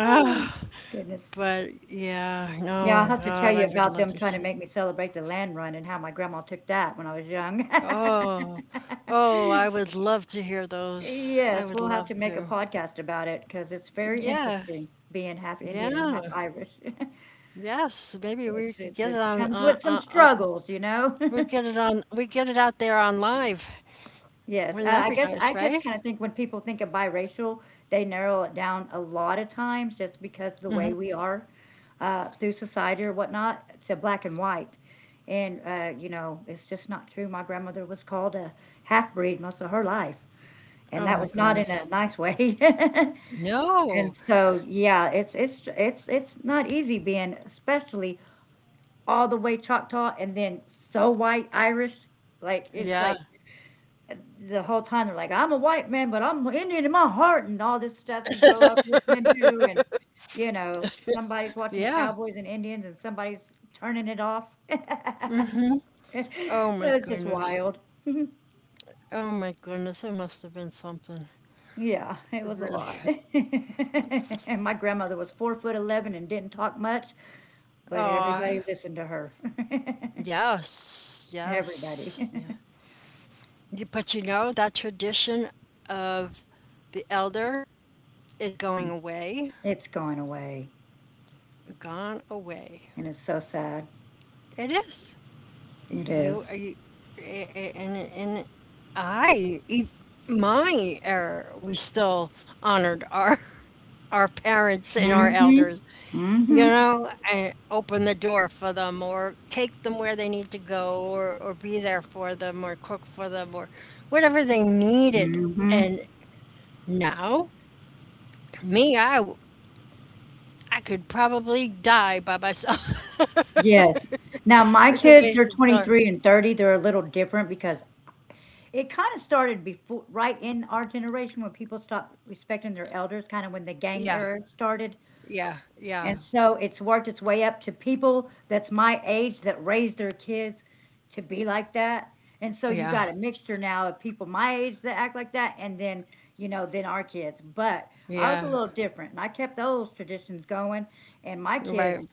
Speaker 1: Oh, goodness.
Speaker 2: but yeah,
Speaker 1: Yeah, I'll
Speaker 2: no,
Speaker 1: have to tell
Speaker 2: God, I
Speaker 1: you
Speaker 2: would
Speaker 1: about
Speaker 2: love
Speaker 1: them
Speaker 2: to
Speaker 1: trying to
Speaker 2: see.
Speaker 1: make me celebrate the land run and how my grandma took that when I was young.
Speaker 2: Oh, oh, I would love to hear those. I
Speaker 1: Yes,
Speaker 2: would
Speaker 1: we'll have
Speaker 2: love
Speaker 1: to make a
Speaker 2: to.
Speaker 1: podcast about it because it's very
Speaker 2: Yeah,
Speaker 1: interesting being half Indian and
Speaker 2: yeah,
Speaker 1: half Irish.
Speaker 2: yes. Maybe we
Speaker 1: It's
Speaker 2: could
Speaker 1: it's
Speaker 2: get it
Speaker 1: it
Speaker 2: on.
Speaker 1: comes with some struggles, you know?
Speaker 2: We get it on. We get it out there on live.
Speaker 1: Yes,
Speaker 2: Wouldn't
Speaker 1: I
Speaker 2: that
Speaker 1: I
Speaker 2: be
Speaker 1: guess I
Speaker 2: nice,
Speaker 1: guess
Speaker 2: right?
Speaker 1: kinda think when people think of biracial, they narrow it down a lot of times just because the way
Speaker 2: Hmm.
Speaker 1: we are, through society or whatnot, to black and white. And, you know, it's just not true. My grandmother was called a half-breed most of her life, and
Speaker 2: Oh
Speaker 1: that
Speaker 2: my
Speaker 1: was not in
Speaker 2: goodness.
Speaker 1: a nice way. And
Speaker 2: No.
Speaker 1: so, yeah, it's not easy being especially all the way Choctaw and then so white Irish. Like it's
Speaker 2: Yeah.
Speaker 1: like the whole time they're like, I'm a white man, but I'm Indian in my heart, and all this stuff you grow up listening to, and you know somebody's watching
Speaker 2: Yeah.
Speaker 1: cowboys and Indians, and somebody's turning it off.
Speaker 2: Mhm. Oh my
Speaker 1: it's just
Speaker 2: goodness.
Speaker 1: wild.
Speaker 2: Oh my goodness. It must have been something.
Speaker 1: Yeah, it was a
Speaker 2: Really.
Speaker 1: lot. and my grandmother was 4 foot 11 and didn't talk much, but everybody
Speaker 2: Oh,
Speaker 1: listened to her.
Speaker 2: yes. Yes.
Speaker 1: everybody.
Speaker 2: Yeah. But you know, that tradition of the elder is going away,
Speaker 1: It's going away.
Speaker 2: gone away.
Speaker 1: And it's so sad.
Speaker 2: It is.
Speaker 1: It
Speaker 2: You,
Speaker 1: is.
Speaker 2: you a- and I, ev- my era, we still honored our our parents and our
Speaker 1: Mm Mhm.
Speaker 2: elders,
Speaker 1: Mm
Speaker 2: you
Speaker 1: Mhm.
Speaker 2: know, and open the door for them or take them where they need to go or be there for them or cook for them or whatever they needed.
Speaker 1: Mhm.
Speaker 2: And now, I could probably die by myself.
Speaker 1: Yes. Now my
Speaker 2: It's
Speaker 1: kids, they're
Speaker 2: amazing, so
Speaker 1: 23 and 30. They're a little different because it kind of started before, right in our generation when people stopped respecting their elders, kind of when the gang
Speaker 2: yeah,
Speaker 1: era started.
Speaker 2: yeah, yeah,
Speaker 1: And so it's worked its way up to people that's my age that raised their kids to be like that. And so you
Speaker 2: yeah,
Speaker 1: got a mixture now of people my age that act like that and then, you know, then our kids. But I was
Speaker 2: yeah,
Speaker 1: a little different and I kept those traditions going and my
Speaker 2: right,
Speaker 1: kids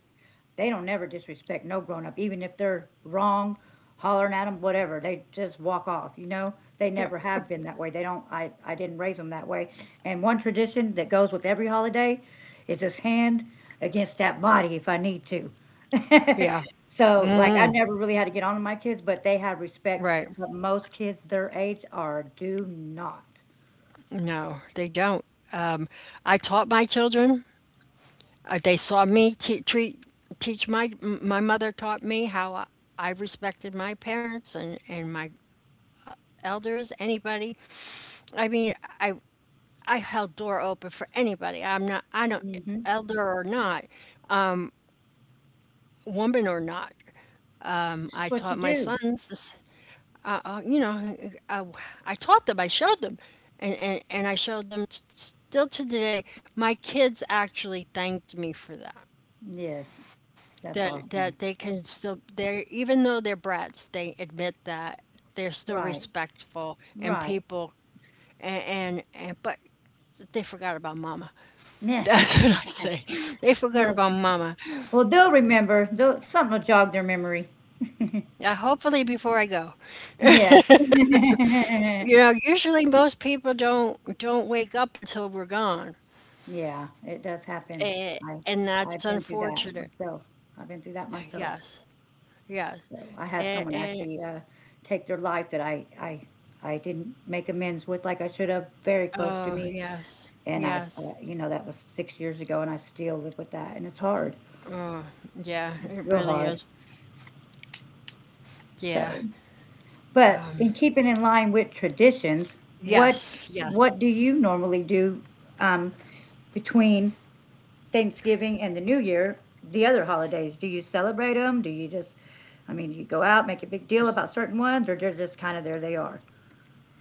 Speaker 1: they don't never disrespect no grown up, even if they're wrong, hollering at them, whatever. They just walk off, you know? They never have been that way. They don't, I didn't raise them that way. And one tradition that goes with every holiday is this hand against that body if I need to.
Speaker 2: yeah,
Speaker 1: so, like, I
Speaker 2: mhm,
Speaker 1: never really had to get on to my kids, but they have respect.
Speaker 2: right,
Speaker 1: But most kids their age are do not.
Speaker 2: no, they don't, um, I taught my children, they saw me t treat teach my mother taught me how I respected my parents and my elders, anybody, I mean, I I held door open for anybody, I don't
Speaker 1: Mm-hmm.
Speaker 2: elder or not, woman or not,
Speaker 1: It's just
Speaker 2: I
Speaker 1: what you
Speaker 2: taught my
Speaker 1: do.
Speaker 2: sons this, you know, uh, uh, I taught them, I showed them, and I showed them still to today. My kids actually thanked me for that.
Speaker 1: Yes, that's
Speaker 2: That they
Speaker 1: awesome.
Speaker 2: can still they're even though they're brats they admit that they're still
Speaker 1: Right,
Speaker 2: respectful and
Speaker 1: right.
Speaker 2: people and but they forgot about mama, that's what I say. They forgot
Speaker 1: Well,
Speaker 2: about mama.
Speaker 1: well, they'll remember. They'll, something will jog their memory.
Speaker 2: Now hopefully before I go,
Speaker 1: Yes.
Speaker 2: you know, usually most people don't wake up until we're gone,
Speaker 1: Yeah, it does happen.
Speaker 2: and,
Speaker 1: I
Speaker 2: and
Speaker 1: I've
Speaker 2: that's
Speaker 1: been through that
Speaker 2: unfortunate.
Speaker 1: myself. I've been through that myself.
Speaker 2: Yes, yes,
Speaker 1: So I had someone
Speaker 2: and
Speaker 1: actually take their life that I didn't make amends with like I should have. Very close to
Speaker 2: oh
Speaker 1: me,
Speaker 2: yes,
Speaker 1: and I've
Speaker 2: yes,
Speaker 1: you know that was 6 years ago, and I still live with that, and it's hard,
Speaker 2: yeah, it
Speaker 1: real
Speaker 2: really
Speaker 1: hard.
Speaker 2: is. Yeah,
Speaker 1: So, but in keeping in line with traditions, what
Speaker 2: yes, yes.
Speaker 1: what do you normally do? Um, between Thanksgiving and the New Year, the other holidays? Do you celebrate them? Do you just, I mean, do you go out, make a big deal about certain ones, or they're just kind of there they are?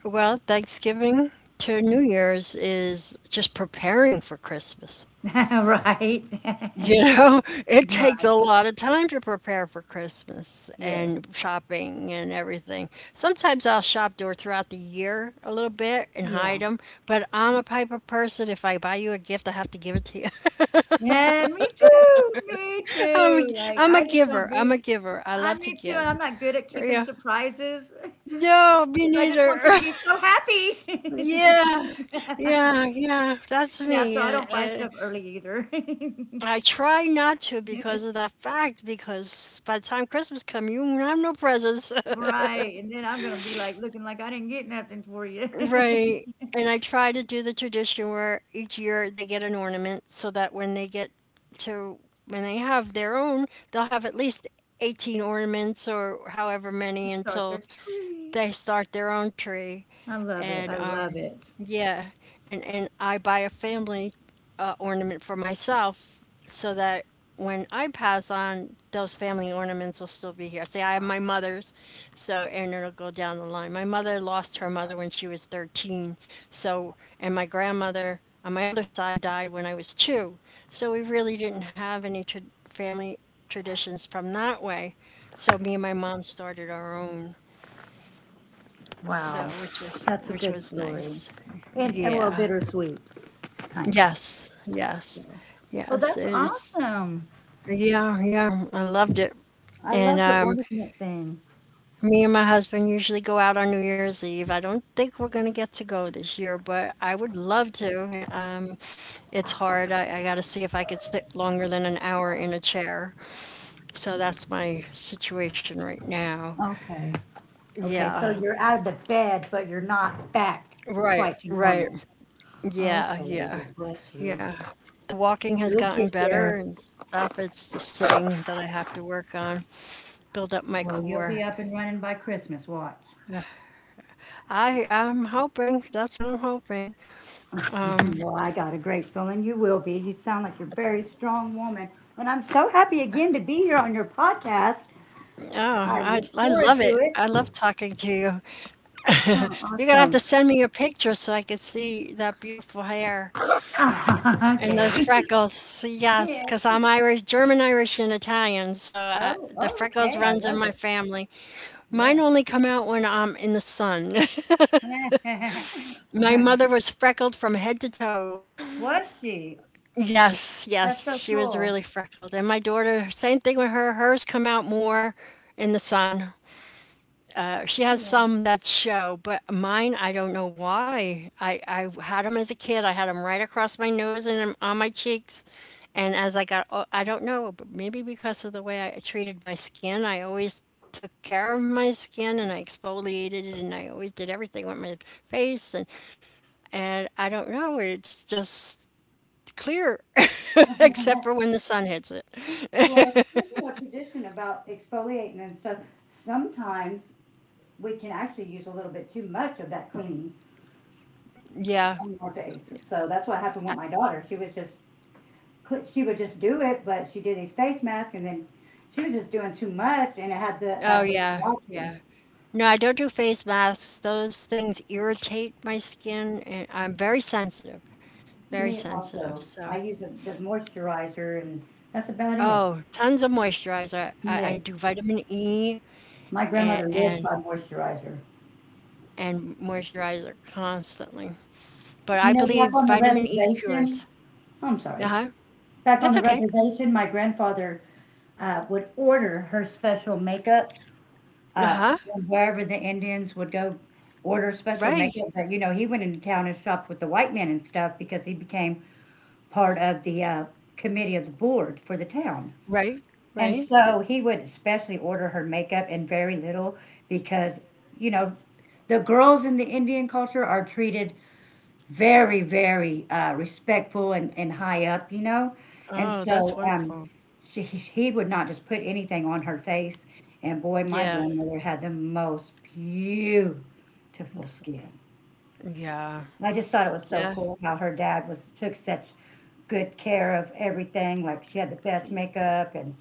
Speaker 2: Well, Thanksgiving to New Year's is just preparing for Christmas.
Speaker 1: Right?
Speaker 2: You know, it takes
Speaker 1: Right.
Speaker 2: a lot of time to prepare for Christmas and
Speaker 1: Yes.
Speaker 2: shopping and everything. Sometimes I'll shop door throughout the year a little bit and
Speaker 1: Yeah.
Speaker 2: hide them, but I'm a type of person. If I buy you a gift, I have to give it to you.
Speaker 1: Yeah, me too. Me
Speaker 2: I'm a
Speaker 1: too. Like,
Speaker 2: I'm a
Speaker 1: I just don't
Speaker 2: giver. I'm
Speaker 1: do
Speaker 2: a giver. I
Speaker 1: I
Speaker 2: love to
Speaker 1: me too, and
Speaker 2: give.
Speaker 1: I'm not good at keeping
Speaker 2: Yeah.
Speaker 1: surprises because
Speaker 2: No, me
Speaker 1: I just
Speaker 2: neither.
Speaker 1: want you to be so happy.
Speaker 2: Yeah. Yeah, yeah. That's
Speaker 1: Yeah,
Speaker 2: me.
Speaker 1: so I don't buy
Speaker 2: Uh,
Speaker 1: stuff early either.
Speaker 2: I try not to because of that fact because by the time Christmas comes, you won't have no presents.
Speaker 1: Right. And then I'm gonna be like looking like I didn't get nothing for you
Speaker 2: Right.
Speaker 1: to
Speaker 2: And I try to do the tradition where each year they get an ornament so that when they get to when they have their own, they'll have at least 18 ornaments or however many
Speaker 1: start your
Speaker 2: until
Speaker 1: tree.
Speaker 2: they start their own tree,
Speaker 1: I love it.
Speaker 2: and
Speaker 1: I love it.
Speaker 2: yeah, and I buy a family ornament for myself so that when I pass on, those family ornaments will still be here. Say I have my mother's, so and it'll go down the line. My mother lost her mother when she was 13, so and my grandmother on my other side died when I was two, so we really didn't have any family traditions from that way. So me and my mom started our own.
Speaker 1: Wow.
Speaker 2: So, which was
Speaker 1: That's a
Speaker 2: which
Speaker 1: good
Speaker 2: was
Speaker 1: story.
Speaker 2: nice.
Speaker 1: And well,
Speaker 2: Yeah.
Speaker 1: bittersweet, kind of.
Speaker 2: Yes. Yes.
Speaker 1: So. Well,
Speaker 2: Yes.
Speaker 1: that's
Speaker 2: It's
Speaker 1: awesome.
Speaker 2: yeah, yeah. I loved it.
Speaker 1: I
Speaker 2: And
Speaker 1: love the ornament thing.
Speaker 2: Me and my husband usually go out on New Year's Eve. I don't think we're gonna get to go this year, but I would love to. It's hard. I gotta see if I could sit longer than an hour in a chair. So that's my situation right now.
Speaker 1: Okay. Okay. So
Speaker 2: Yeah.
Speaker 1: you're out of the bed, but you're not back
Speaker 2: Right.
Speaker 1: quite to
Speaker 2: Right.
Speaker 1: normal.
Speaker 2: Yeah.
Speaker 1: Okay.
Speaker 2: Yeah.
Speaker 1: Well, bless you.
Speaker 2: Yeah. The walking has
Speaker 1: You'll get
Speaker 2: gotten better
Speaker 1: there.
Speaker 2: and stuff. It's the sitting that I have to work on, build up my
Speaker 1: Well, you'll be
Speaker 2: core.
Speaker 1: up and running by Christmas. Watch.
Speaker 2: I'm hoping. That's what I'm hoping. Um,
Speaker 1: Well, I got a great feeling you will be. You sound like you're a very strong woman. And I'm so happy again to be here on your podcast.
Speaker 2: oh,
Speaker 1: I
Speaker 2: I
Speaker 1: look
Speaker 2: I
Speaker 1: forward
Speaker 2: love
Speaker 1: to
Speaker 2: it. I
Speaker 1: it.
Speaker 2: love talking to you.
Speaker 1: Oh,
Speaker 2: You're gonna have to
Speaker 1: awesome.
Speaker 2: send me your picture so I can see that beautiful hair and
Speaker 1: okay.
Speaker 2: those freckles. Yes,
Speaker 1: Yes.
Speaker 2: 'cause I'm Irish, German, Irish, and Italian, so I,
Speaker 1: Oh,
Speaker 2: the
Speaker 1: oh,
Speaker 2: freckles
Speaker 1: okay. I
Speaker 2: runs in
Speaker 1: love
Speaker 2: my
Speaker 1: it.
Speaker 2: family. Mine
Speaker 1: Yes.
Speaker 2: only come out when I'm in the sun.
Speaker 1: All
Speaker 2: My
Speaker 1: right.
Speaker 2: mother was freckled from head to toe.
Speaker 1: Was she?
Speaker 2: Yes,
Speaker 1: That's
Speaker 2: yes,
Speaker 1: so
Speaker 2: she was
Speaker 1: cool.
Speaker 2: really freckled. And my daughter, same thing with her. Hers come out more in the sun. She has
Speaker 1: Yeah.
Speaker 2: some that show, but mine, I don't know why. I had them as a kid. I had them right across my nose and on my cheeks. And as I don't know, but maybe because of the way I treated my skin, I always took care of my skin and I exfoliated it and I always did everything with my face and I don't know, it's just clear, except for when the sun hits it.
Speaker 1: well, speaking of tradition about exfoliating and stuff, sometimes we can actually use a little bit too much of that cleaning
Speaker 2: Yeah.
Speaker 1: on your face. So that's what happened with my daughter. She was just she would just do it, but she did these face masks, and then she was just doing too much, and it had the
Speaker 2: Oh,
Speaker 1: adverse
Speaker 2: yeah,
Speaker 1: reaction.
Speaker 2: yeah. No, I don't do face masks. Those things irritate my skin, and I'm very sensitive, very
Speaker 1: Me
Speaker 2: sensitive.
Speaker 1: also, I
Speaker 2: So,
Speaker 1: use the moisturizer, and that's about it.
Speaker 2: oh, tons of moisturizer. I
Speaker 1: Yes,
Speaker 2: do vitamin E
Speaker 1: my
Speaker 2: and,
Speaker 1: grandmother lived
Speaker 2: and
Speaker 1: by moisturizer.
Speaker 2: moisturizer constantly. But
Speaker 1: You
Speaker 2: I
Speaker 1: know,
Speaker 2: believe
Speaker 1: back on the
Speaker 2: vitamin E
Speaker 1: reservation,
Speaker 2: cures.
Speaker 1: I'm sorry,
Speaker 2: Uh-huh.
Speaker 1: back on
Speaker 2: That's
Speaker 1: the
Speaker 2: okay.
Speaker 1: reservation, my grandfather would order her special makeup uh,
Speaker 2: Uh-huh.
Speaker 1: from wherever the Indians would go order special
Speaker 2: Right.
Speaker 1: makeup. But you know, he went into town and shopped with the white men and stuff because he became part of the committee of the board for the town.
Speaker 2: Right.
Speaker 1: And
Speaker 2: Right.
Speaker 1: so he would especially order her makeup and very little because, you know, the girls in the Indian culture are treated very, very respectful and high up, you know? And
Speaker 2: Oh, that's
Speaker 1: so
Speaker 2: wonderful.
Speaker 1: she, he would not just put anything on her face. And boy, my
Speaker 2: Yeah.
Speaker 1: grandmother had the most beautiful skin.
Speaker 2: Yeah.
Speaker 1: I just thought it was
Speaker 2: Yeah.
Speaker 1: so cool how her dad was took such good care of everything. Like she had the best makeup and,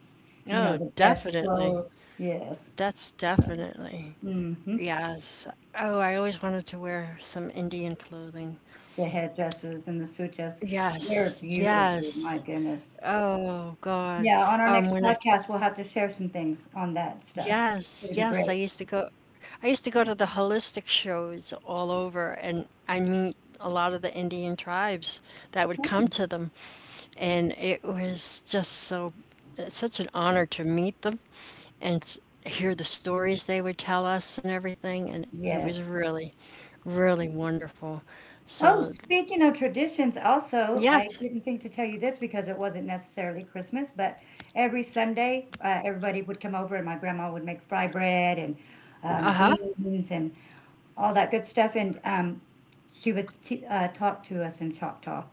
Speaker 1: you
Speaker 2: Oh,
Speaker 1: know, the best
Speaker 2: definitely.
Speaker 1: clothes. Yes.
Speaker 2: That's
Speaker 1: So,
Speaker 2: definitely.
Speaker 1: hmm
Speaker 2: Yes. Oh, I always wanted to wear some Indian clothing.
Speaker 1: the headdresses and the sutras,
Speaker 2: Yes,
Speaker 1: they're beautiful. My
Speaker 2: yes.
Speaker 1: goodness.
Speaker 2: Oh God.
Speaker 1: Yeah, on our
Speaker 2: When
Speaker 1: next
Speaker 2: I
Speaker 1: podcast, we'll have to share some things on that stuff.
Speaker 2: yes,
Speaker 1: It'll be
Speaker 2: yes,
Speaker 1: great.
Speaker 2: I used to go to the holistic shows all over and I meet a lot of the Indian tribes that would come
Speaker 1: Oh,
Speaker 2: to them and it was just it's such an honor to meet them and hear the stories they would tell us and everything. And it was
Speaker 1: yes.
Speaker 2: really, really wonderful.
Speaker 1: Oh,
Speaker 2: So,
Speaker 1: speaking of traditions, also, I
Speaker 2: yes.
Speaker 1: didn't think to tell you this because it wasn't necessarily Christmas, but every Sunday, everybody would come over and my grandma would make fry bread and
Speaker 2: Uh huh.
Speaker 1: beans and all that good stuff. And she would talk to us in Choctaw.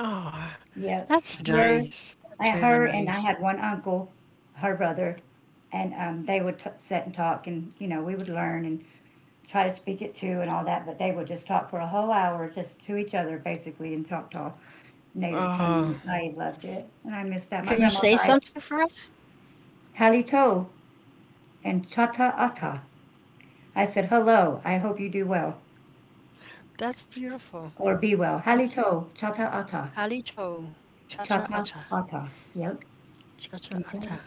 Speaker 2: Oh,
Speaker 1: Yeah,
Speaker 2: that's
Speaker 1: her,
Speaker 2: nice.
Speaker 1: I
Speaker 2: That's really
Speaker 1: her and I
Speaker 2: nice.
Speaker 1: had one uncle, her brother, and they would sit and talk, and you know we would learn and try to speak it too and all that, but they would just talk for a whole hour just to each other basically in Choctaw native tongue.
Speaker 2: Oh,
Speaker 1: And I loved it, and I miss that. My
Speaker 2: can you
Speaker 1: grandma
Speaker 2: say
Speaker 1: died.
Speaker 2: something for us?
Speaker 1: Halito and Chata Ata. I said hello. I hope you do well
Speaker 2: That's beautiful.
Speaker 1: or be well.
Speaker 2: That's
Speaker 1: Halito Chata Ata.
Speaker 2: alito. Cha cha
Speaker 1: Chata
Speaker 2: acha.
Speaker 1: Ata. Yep,
Speaker 2: Cha cha
Speaker 1: you got it.
Speaker 2: acha.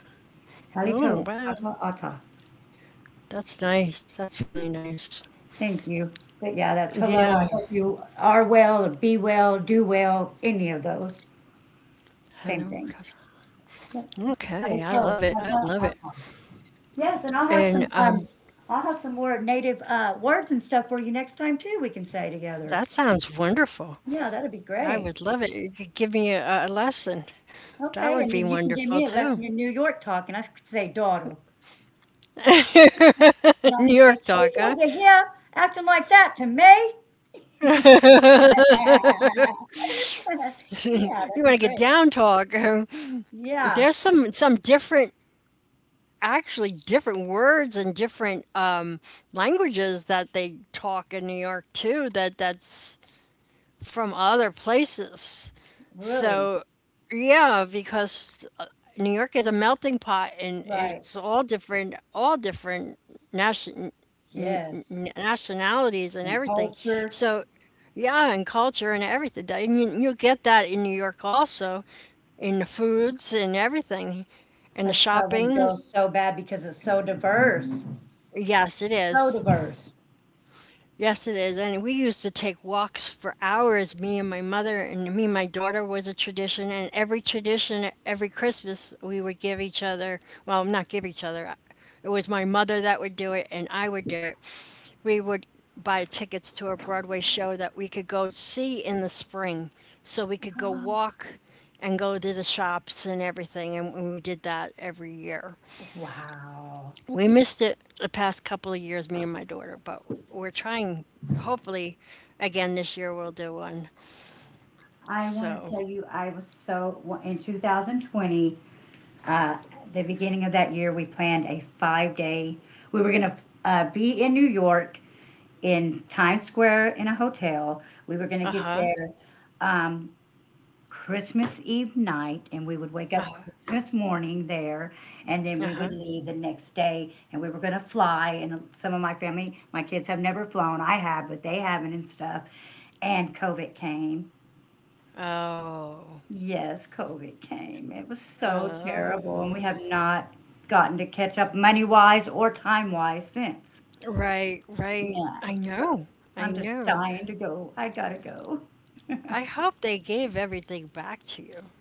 Speaker 1: Halito
Speaker 2: Oh, wow.
Speaker 1: Chata Ata.
Speaker 2: That's nice. That's really nice.
Speaker 1: Thank you. But yeah, that's
Speaker 2: Yeah.
Speaker 1: hello. I hope you are well or be well, do well, any of those. Same
Speaker 2: Hello.
Speaker 1: thing.
Speaker 2: Cha,
Speaker 1: Yep.
Speaker 2: cha. Okay. I love
Speaker 1: Alecho,
Speaker 2: it. I
Speaker 1: chapa,
Speaker 2: love it.
Speaker 1: ata. Yes, and
Speaker 2: And
Speaker 1: I'll have some more native words and stuff for you next time too we can say together.
Speaker 2: that sounds wonderful.
Speaker 1: Yeah, that'd be
Speaker 2: I
Speaker 1: great.
Speaker 2: would love it. You could give me a lesson. That
Speaker 1: Okay,
Speaker 2: would
Speaker 1: and
Speaker 2: be
Speaker 1: then you can give
Speaker 2: wonderful
Speaker 1: me a
Speaker 2: too.
Speaker 1: lesson in New York talk and I could say daughter. And I
Speaker 2: New
Speaker 1: could say,
Speaker 2: York talk,
Speaker 1: she's
Speaker 2: huh?
Speaker 1: over here acting like that to me.
Speaker 2: You
Speaker 1: yeah, that'd
Speaker 2: want to
Speaker 1: be
Speaker 2: get
Speaker 1: great.
Speaker 2: down talk? There's
Speaker 1: Yeah,
Speaker 2: some different, actually different words and different languages that they talk in New York too. That's from other places.
Speaker 1: really.
Speaker 2: So yeah, because New York is a melting pot, and
Speaker 1: Right.
Speaker 2: it's all different nation
Speaker 1: Yes,
Speaker 2: nationalities and
Speaker 1: and
Speaker 2: everything.
Speaker 1: culture.
Speaker 2: So, yeah, and culture and everything. And you'll get that in New York also, in the foods and everything, and the
Speaker 1: That's why I wanna
Speaker 2: shopping.
Speaker 1: go so bad because it's so diverse,
Speaker 2: Yes, it
Speaker 1: so
Speaker 2: is.
Speaker 1: diverse.
Speaker 2: Yes, it is. And we used to take walks for hours, me and my mother, and me and my daughter was a tradition. And every tradition, every Christmas, we would give each other, well, not give each other. uh, It was my mother that would do it, and I would do it. We would buy tickets to a Broadway show that we could go see in the spring. So we could go walk and go to the shops and everything. And we did that every year.
Speaker 1: Oh, wow.
Speaker 2: We missed it the past couple of years, me and my daughter, but we're trying. Hopefully, again this year we'll do one.
Speaker 1: I wanna
Speaker 2: So,
Speaker 1: tell you, I was so w in 2020, uh, the beginning of that year, we planned a five-day we were gonna f be in New York, in Times Square in a hotel. We were gonna
Speaker 2: uh
Speaker 1: get
Speaker 2: huh,
Speaker 1: there, um, Christmas Eve night, and we would wake up Christmas morning there, and then
Speaker 2: uh
Speaker 1: we would
Speaker 2: huh.
Speaker 1: leave the next day, and we were going to fly. And some of my family, my kids have never flown. I have, but they haven't and stuff. And COVID came.
Speaker 2: Oh,
Speaker 1: Yes, COVID came. It was so
Speaker 2: uh,
Speaker 1: terrible, and we have not gotten to catch up money wise or time wise since.
Speaker 2: right, right.
Speaker 1: Yeah,
Speaker 2: I
Speaker 1: so
Speaker 2: know, I
Speaker 1: I'm just
Speaker 2: know.
Speaker 1: dying to go. I gotta go.
Speaker 2: I hope they gave everything back to you.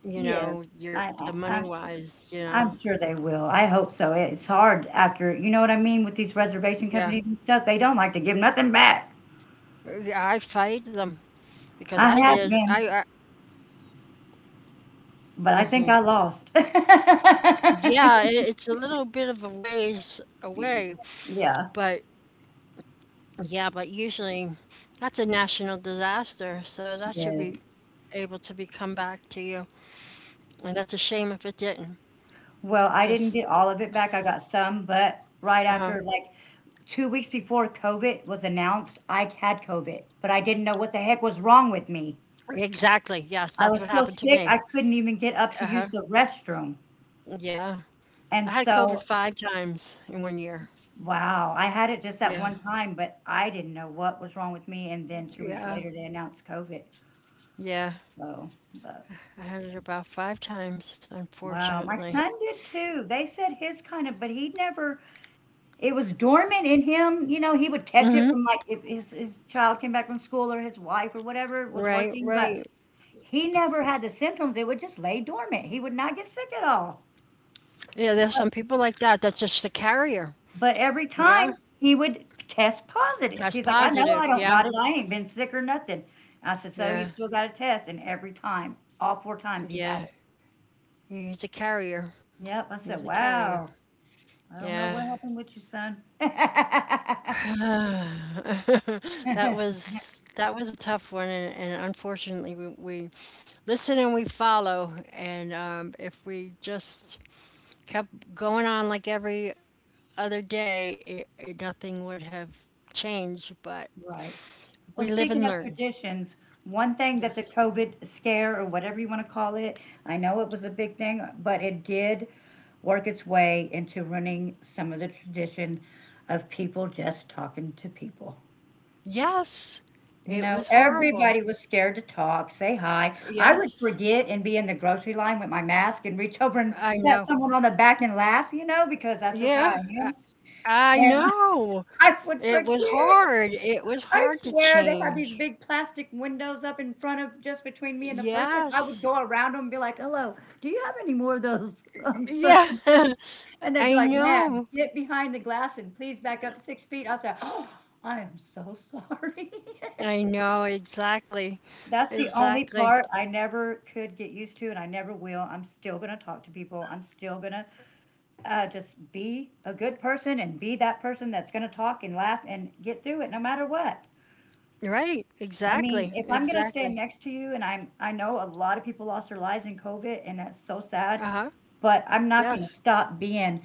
Speaker 2: You know,
Speaker 1: Yes,
Speaker 2: your
Speaker 1: I,
Speaker 2: the
Speaker 1: I
Speaker 2: money
Speaker 1: I'm sure.
Speaker 2: wise. You
Speaker 1: I'm
Speaker 2: know,
Speaker 1: sure they will. I hope so. It's hard after, you know what I mean, with these reservation
Speaker 2: yeah.
Speaker 1: companies and stuff. They don't like to give nothing back.
Speaker 2: I fight them because
Speaker 1: I
Speaker 2: I
Speaker 1: have
Speaker 2: did.
Speaker 1: been,
Speaker 2: I
Speaker 1: but I think I lost.
Speaker 2: yeah. It, it's a little bit of a ways away,
Speaker 1: Yeah,
Speaker 2: but yeah, but usually that's a national disaster, so that should be
Speaker 1: yes.
Speaker 2: able to be come back to you. And that's a shame if it didn't,
Speaker 1: Well, I didn't
Speaker 2: because
Speaker 1: get all of it back. I got some, but right
Speaker 2: uh-huh.
Speaker 1: after, like 2 weeks before COVID was announced, I had COVID, but I didn't know what the heck was wrong with me.
Speaker 2: Exactly. Yes,
Speaker 1: I
Speaker 2: that's what
Speaker 1: was so
Speaker 2: happened to
Speaker 1: sick,
Speaker 2: me.
Speaker 1: I couldn't even get up to
Speaker 2: Uh-huh.
Speaker 1: use the restroom.
Speaker 2: Yeah. I
Speaker 1: And
Speaker 2: had COVID
Speaker 1: so
Speaker 2: five times in one year.
Speaker 1: wow, I had it just at
Speaker 2: Yeah.
Speaker 1: one time, but I didn't know what was wrong with me, and then 2 weeks
Speaker 2: Yeah.
Speaker 1: later, they announced COVID.
Speaker 2: Yeah.
Speaker 1: So, but
Speaker 2: I had it about five times,
Speaker 1: wow, my
Speaker 2: unfortunately.
Speaker 1: son did too. They said his kind of but he never it was dormant in him, you know, he would catch
Speaker 2: Hmm.
Speaker 1: it from, like, if his child came back from school or his wife or whatever was
Speaker 2: Right,
Speaker 1: working, but
Speaker 2: right.
Speaker 1: he never had the symptoms, it would just lay dormant, he would not get sick at all.
Speaker 2: Yeah, there's some people like that that's just a carrier.
Speaker 1: But every
Speaker 2: Yeah.
Speaker 1: time he would test positive.
Speaker 2: Test
Speaker 1: He's like, "I know I
Speaker 2: positive.
Speaker 1: don't
Speaker 2: Yeah.
Speaker 1: got it. I ain't been sick or nothing." I said, "So you
Speaker 2: Yeah.
Speaker 1: still got a test?" And every time, all 4 times he
Speaker 2: Yeah.
Speaker 1: had it.
Speaker 2: He's a carrier.
Speaker 1: Yep. I said,
Speaker 2: He's a carrier.
Speaker 1: "Wow. I don't know
Speaker 2: Yeah.
Speaker 1: what happened with you, son."
Speaker 2: That was a tough one and unfortunately we listen and we follow and if we just kept going on like every other day, nothing would have changed, but
Speaker 1: Right. Well,
Speaker 2: we live
Speaker 1: speaking
Speaker 2: and
Speaker 1: of
Speaker 2: learn.
Speaker 1: traditions, one thing that the
Speaker 2: Yes.
Speaker 1: COVID scare or whatever you want to call it, I know it was a big thing, but it did work its way into ruining some of the tradition of people just talking to people.
Speaker 2: Yes.
Speaker 1: You
Speaker 2: It
Speaker 1: know,
Speaker 2: was horrible.
Speaker 1: everybody was scared to talk, say hi. I would
Speaker 2: Yes.
Speaker 1: forget and be in the grocery line with my mask and reach over and
Speaker 2: I
Speaker 1: pat
Speaker 2: know.
Speaker 1: someone on the back and laugh, you know, because that's just how I
Speaker 2: Yeah.
Speaker 1: am.
Speaker 2: I
Speaker 1: And
Speaker 2: know.
Speaker 1: I would
Speaker 2: It was
Speaker 1: forget.
Speaker 2: hard. It was
Speaker 1: I
Speaker 2: hard to
Speaker 1: swear they had these
Speaker 2: change.
Speaker 1: big plastic windows up in front of just between me and the person. I would
Speaker 2: Yes.
Speaker 1: go around them and be like, "Hello, do you have any more of those such
Speaker 2: Yeah,
Speaker 1: and such?" And they'd be
Speaker 2: I
Speaker 1: like, "Man,
Speaker 2: know.
Speaker 1: get behind the glass and please back up 6 feet." I said, "Oh, I am so sorry."
Speaker 2: I know exactly.
Speaker 1: That's the only
Speaker 2: Exactly.
Speaker 1: part I never could get used to, and I never will. I'm still going to talk to people. I'm still going to just be a good person and be that person that's going to talk and laugh and get through it no matter what.
Speaker 2: Right.
Speaker 1: I
Speaker 2: Exactly.
Speaker 1: mean, if I'm gonna
Speaker 2: Exactly.
Speaker 1: stand next to you, and I know a lot of people lost their lives in COVID, and that's so sad,
Speaker 2: Uh-huh.
Speaker 1: but I'm not
Speaker 2: Yes.
Speaker 1: gonna stop being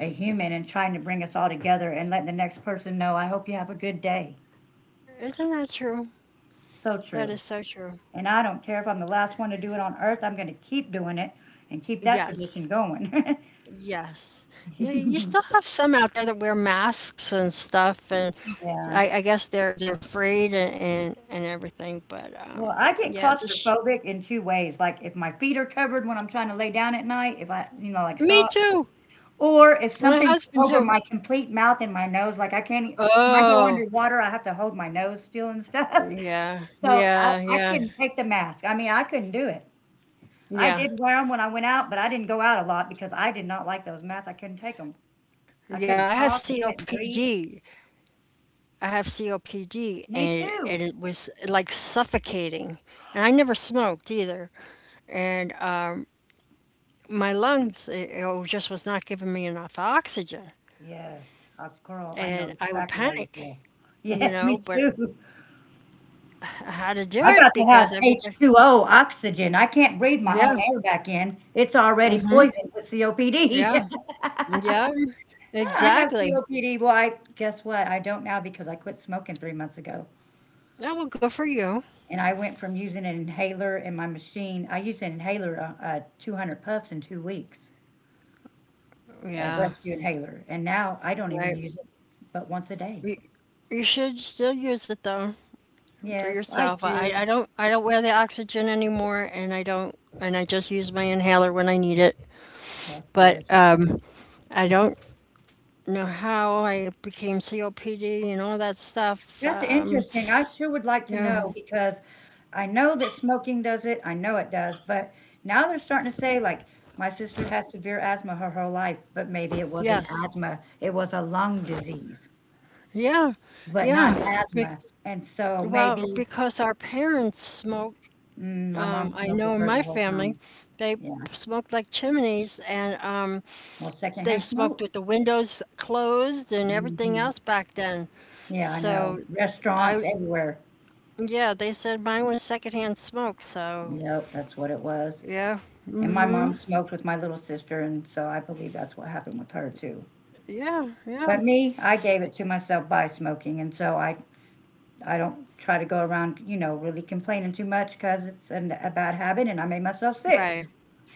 Speaker 1: a human and trying to bring us all together and let the next person know, I hope you have a good day.
Speaker 2: Isn't that true?
Speaker 1: So
Speaker 2: That is
Speaker 1: true.
Speaker 2: so true.
Speaker 1: And I don't care if I'm the last one to do it on earth, I'm gonna keep doing it and keep that tradition
Speaker 2: Yes.
Speaker 1: going.
Speaker 2: Yes. You still have some out there that wear masks and stuff and
Speaker 1: Yeah.
Speaker 2: I guess they're afraid and everything, but
Speaker 1: Well, I get
Speaker 2: yeah,
Speaker 1: claustrophobic in two ways. Like if my feet are covered when I'm trying to lay down at night, if I, you know, like
Speaker 2: me
Speaker 1: socks,
Speaker 2: too.
Speaker 1: or if
Speaker 2: My
Speaker 1: something's
Speaker 2: husband
Speaker 1: over
Speaker 2: too.
Speaker 1: my complete mouth and my nose, like I can't e when I go
Speaker 2: Oh.
Speaker 1: underwater, I have to hold my nose still and stuff.
Speaker 2: Yeah.
Speaker 1: So I
Speaker 2: Yeah,
Speaker 1: I
Speaker 2: yeah.
Speaker 1: couldn't take the mask. I mean, I couldn't do it. I did
Speaker 2: Yeah.
Speaker 1: wear them when I went out, but I didn't go out a lot because I did not like those masks. I couldn't take them. I couldn't
Speaker 2: Yeah, I
Speaker 1: talk,
Speaker 2: have
Speaker 1: I couldn't breathe.
Speaker 2: COPD. I have COPD,
Speaker 1: Me too.
Speaker 2: and it was like suffocating. And I never smoked either. And My lungs, it just was not giving me enough oxygen.
Speaker 1: Yes. Girl, I know
Speaker 2: And I would
Speaker 1: exactly how you feel.
Speaker 2: panic, you
Speaker 1: Yes, me
Speaker 2: know, but
Speaker 1: too.
Speaker 2: I had to do
Speaker 1: I got
Speaker 2: it
Speaker 1: to have
Speaker 2: because everybody,
Speaker 1: H2O oxygen. I can't breathe my own
Speaker 2: yeah,
Speaker 1: air back in. It's already
Speaker 2: hmm
Speaker 1: poisoned with COPD.
Speaker 2: yeah, yeah,
Speaker 1: Yeah, I have
Speaker 2: exactly.
Speaker 1: COPD. Well, I guess what? I don't now because I quit smoking 3 months ago,
Speaker 2: Oh, well, good for you.
Speaker 1: and I went from using an inhaler in my machine I used an inhaler, 200 puffs in 2 weeks, a
Speaker 2: Yeah,
Speaker 1: rescue inhaler, and now I don't even
Speaker 2: right.
Speaker 1: use it but once a day.
Speaker 2: You, you should still use it though for
Speaker 1: Yes, I
Speaker 2: yourself.
Speaker 1: do.
Speaker 2: I don't wear the oxygen anymore, and I don't, and I just use my inhaler when I need it.
Speaker 1: That's
Speaker 2: But
Speaker 1: good.
Speaker 2: I don't know how I became COPD and all that stuff.
Speaker 1: That's interesting. I sure would like to
Speaker 2: Yeah.
Speaker 1: know because I know that smoking does it. I know it does. But now they're starting to say, like, my sister has severe asthma her whole life, but maybe it wasn't
Speaker 2: Yes.
Speaker 1: asthma. It was a lung disease,
Speaker 2: Yeah.
Speaker 1: but not
Speaker 2: Yeah.
Speaker 1: asthma. And so
Speaker 2: Well,
Speaker 1: maybe
Speaker 2: because our parents smoked.
Speaker 1: my mom
Speaker 2: I
Speaker 1: smoked
Speaker 2: know
Speaker 1: with
Speaker 2: in
Speaker 1: her
Speaker 2: my
Speaker 1: the whole
Speaker 2: family,
Speaker 1: time.
Speaker 2: they
Speaker 1: Yeah.
Speaker 2: smoked like chimneys, and
Speaker 1: Well,
Speaker 2: they
Speaker 1: secondhand smoke.
Speaker 2: smoked with the windows closed and everything
Speaker 1: hmm
Speaker 2: else back then.
Speaker 1: Yeah, I know.
Speaker 2: So
Speaker 1: Restaurants
Speaker 2: I
Speaker 1: everywhere.
Speaker 2: yeah, they said mine was secondhand smoke, so
Speaker 1: Yep, that's what it was.
Speaker 2: yeah,
Speaker 1: And my mom smoked with my little sister. And so I believe that's what happened with her, too.
Speaker 2: yeah, yeah,
Speaker 1: But me, I gave it to myself by smoking, and so I don't try to go around, you know, really complaining too much because it's a bad habit and I made myself sick,
Speaker 2: right,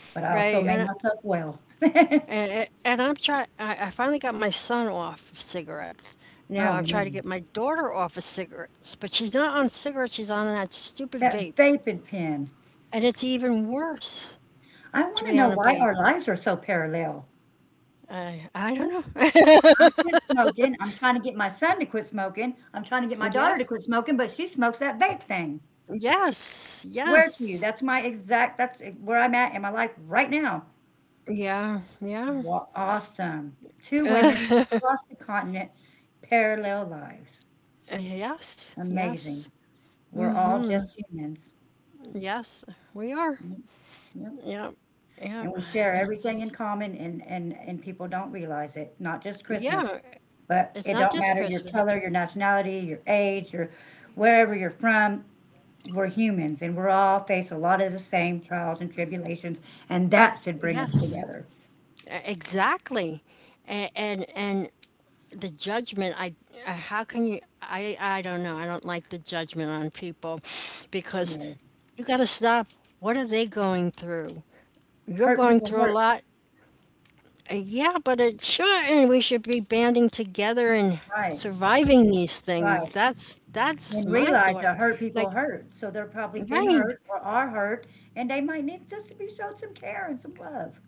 Speaker 1: but I also
Speaker 2: right,
Speaker 1: made
Speaker 2: and
Speaker 1: myself well. Oh
Speaker 2: and I'm trying. I finally got my son off of cigarettes. Now I'm trying to
Speaker 1: Man,
Speaker 2: get my daughter off of cigarettes, but she's not on cigarettes. She's on that stupid
Speaker 1: that
Speaker 2: vape,
Speaker 1: vaping pen.
Speaker 2: and it's even worse
Speaker 1: I
Speaker 2: to
Speaker 1: want to
Speaker 2: be
Speaker 1: know
Speaker 2: on a
Speaker 1: why
Speaker 2: vape.
Speaker 1: our lives are so parallel.
Speaker 2: I don't know.
Speaker 1: I quit smoking. I'm trying to get my son to quit smoking. I'm trying to get my
Speaker 2: Yeah.
Speaker 1: daughter to quit smoking, but she smokes that vape thing.
Speaker 2: Yes.
Speaker 1: Swear to you,
Speaker 2: Yes.
Speaker 1: that's my exact, that's where I'm at in my life right now.
Speaker 2: Yeah. Yeah.
Speaker 1: Wa Awesome. 2 women across the continent, parallel lives.
Speaker 2: Yes.
Speaker 1: Amazing.
Speaker 2: Yes.
Speaker 1: We're all just humans.
Speaker 2: Yes. We are.
Speaker 1: Yep, yep,
Speaker 2: Yeah, yeah,
Speaker 1: and we share everything in
Speaker 2: it's
Speaker 1: common, and and people don't realize it, not just Christmas,
Speaker 2: yeah,
Speaker 1: but
Speaker 2: it's
Speaker 1: it
Speaker 2: not
Speaker 1: don't
Speaker 2: just
Speaker 1: matter your
Speaker 2: Christmas.
Speaker 1: color, your nationality, your age, your wherever you're from, we're humans, and we're all face a lot of the same trials and tribulations, and that should bring us
Speaker 2: Yes,
Speaker 1: together.
Speaker 2: e exactly, a and the judgment, I how can you I don't know, I don't like the judgment on people because
Speaker 1: Yes.
Speaker 2: you gotta stop. What are they going through? You're
Speaker 1: Hurt
Speaker 2: going
Speaker 1: people
Speaker 2: through a
Speaker 1: hurt.
Speaker 2: lot. Yeah, but it sure, and we should be banding together and
Speaker 1: Right,
Speaker 2: surviving these things.
Speaker 1: right.
Speaker 2: That's
Speaker 1: And
Speaker 2: my
Speaker 1: realize
Speaker 2: thought.
Speaker 1: that hurt people
Speaker 2: Like,
Speaker 1: hurt, so they're probably been
Speaker 2: right.
Speaker 1: hurt or are hurt, and they might need just to be showed some care and some love.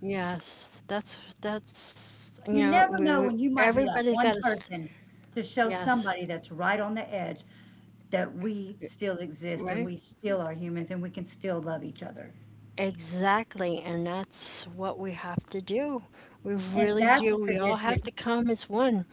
Speaker 2: Yes, that's you
Speaker 1: You
Speaker 2: know
Speaker 1: never know
Speaker 2: we
Speaker 1: when you might be that
Speaker 2: everybody
Speaker 1: one
Speaker 2: got to
Speaker 1: person to show
Speaker 2: yes
Speaker 1: somebody that's right on the edge that we still exist and
Speaker 2: right
Speaker 1: we still are humans and we can still love each other.
Speaker 2: exactly and that's what we have to do. We
Speaker 1: And
Speaker 2: really
Speaker 1: that's a
Speaker 2: do. We all have
Speaker 1: tradition.
Speaker 2: to come as one.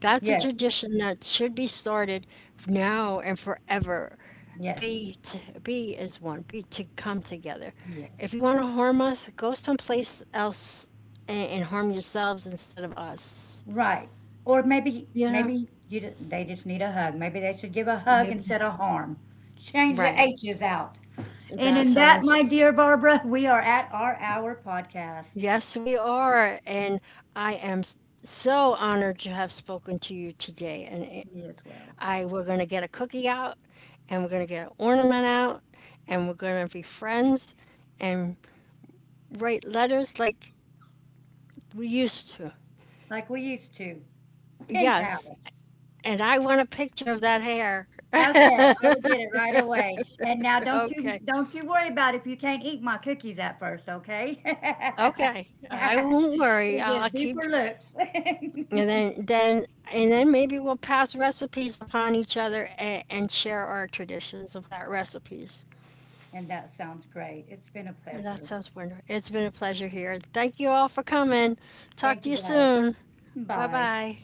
Speaker 2: That's a
Speaker 1: Yes,
Speaker 2: tradition that should be started now and forever.
Speaker 1: yes,
Speaker 2: Be as one. Be to come together.
Speaker 1: yes.
Speaker 2: If you want to harm us, go someplace else and harm yourselves instead of us.
Speaker 1: Right. Or maybe
Speaker 2: You know
Speaker 1: maybe you d they just need a hug. Maybe they should give a hug
Speaker 2: maybe
Speaker 1: instead of harm. Change the
Speaker 2: right.
Speaker 1: H's out. And
Speaker 2: That
Speaker 1: in that,
Speaker 2: sounds,
Speaker 1: my dear Barbara, we are at our hour podcast.
Speaker 2: yes, we are. And I am s- so honored to have spoken to you today.
Speaker 1: Me as well.
Speaker 2: We're going to get a cookie out and we're going to get an ornament out and we're going to be friends and write letters like we used to.
Speaker 1: Like we used to. Pen
Speaker 2: Yes.
Speaker 1: pals.
Speaker 2: And I want a picture of that hair.
Speaker 1: Okay, I will get it right away. And now don't you
Speaker 2: Okay.
Speaker 1: don't you worry about if you can't eat my cookies at first, okay?
Speaker 2: Okay. I won't worry.
Speaker 1: It just
Speaker 2: I'll
Speaker 1: be
Speaker 2: keep.
Speaker 1: for looks.
Speaker 2: And then, and then maybe we'll pass recipes upon each other and share our traditions of that recipes.
Speaker 1: And that sounds great. It's been a
Speaker 2: That
Speaker 1: pleasure.
Speaker 2: sounds wonderful. It's been a pleasure here. Thank you all for coming. Talk
Speaker 1: Thank
Speaker 2: to
Speaker 1: you
Speaker 2: you
Speaker 1: guys.
Speaker 2: soon. Bye
Speaker 1: Bye.
Speaker 2: bye.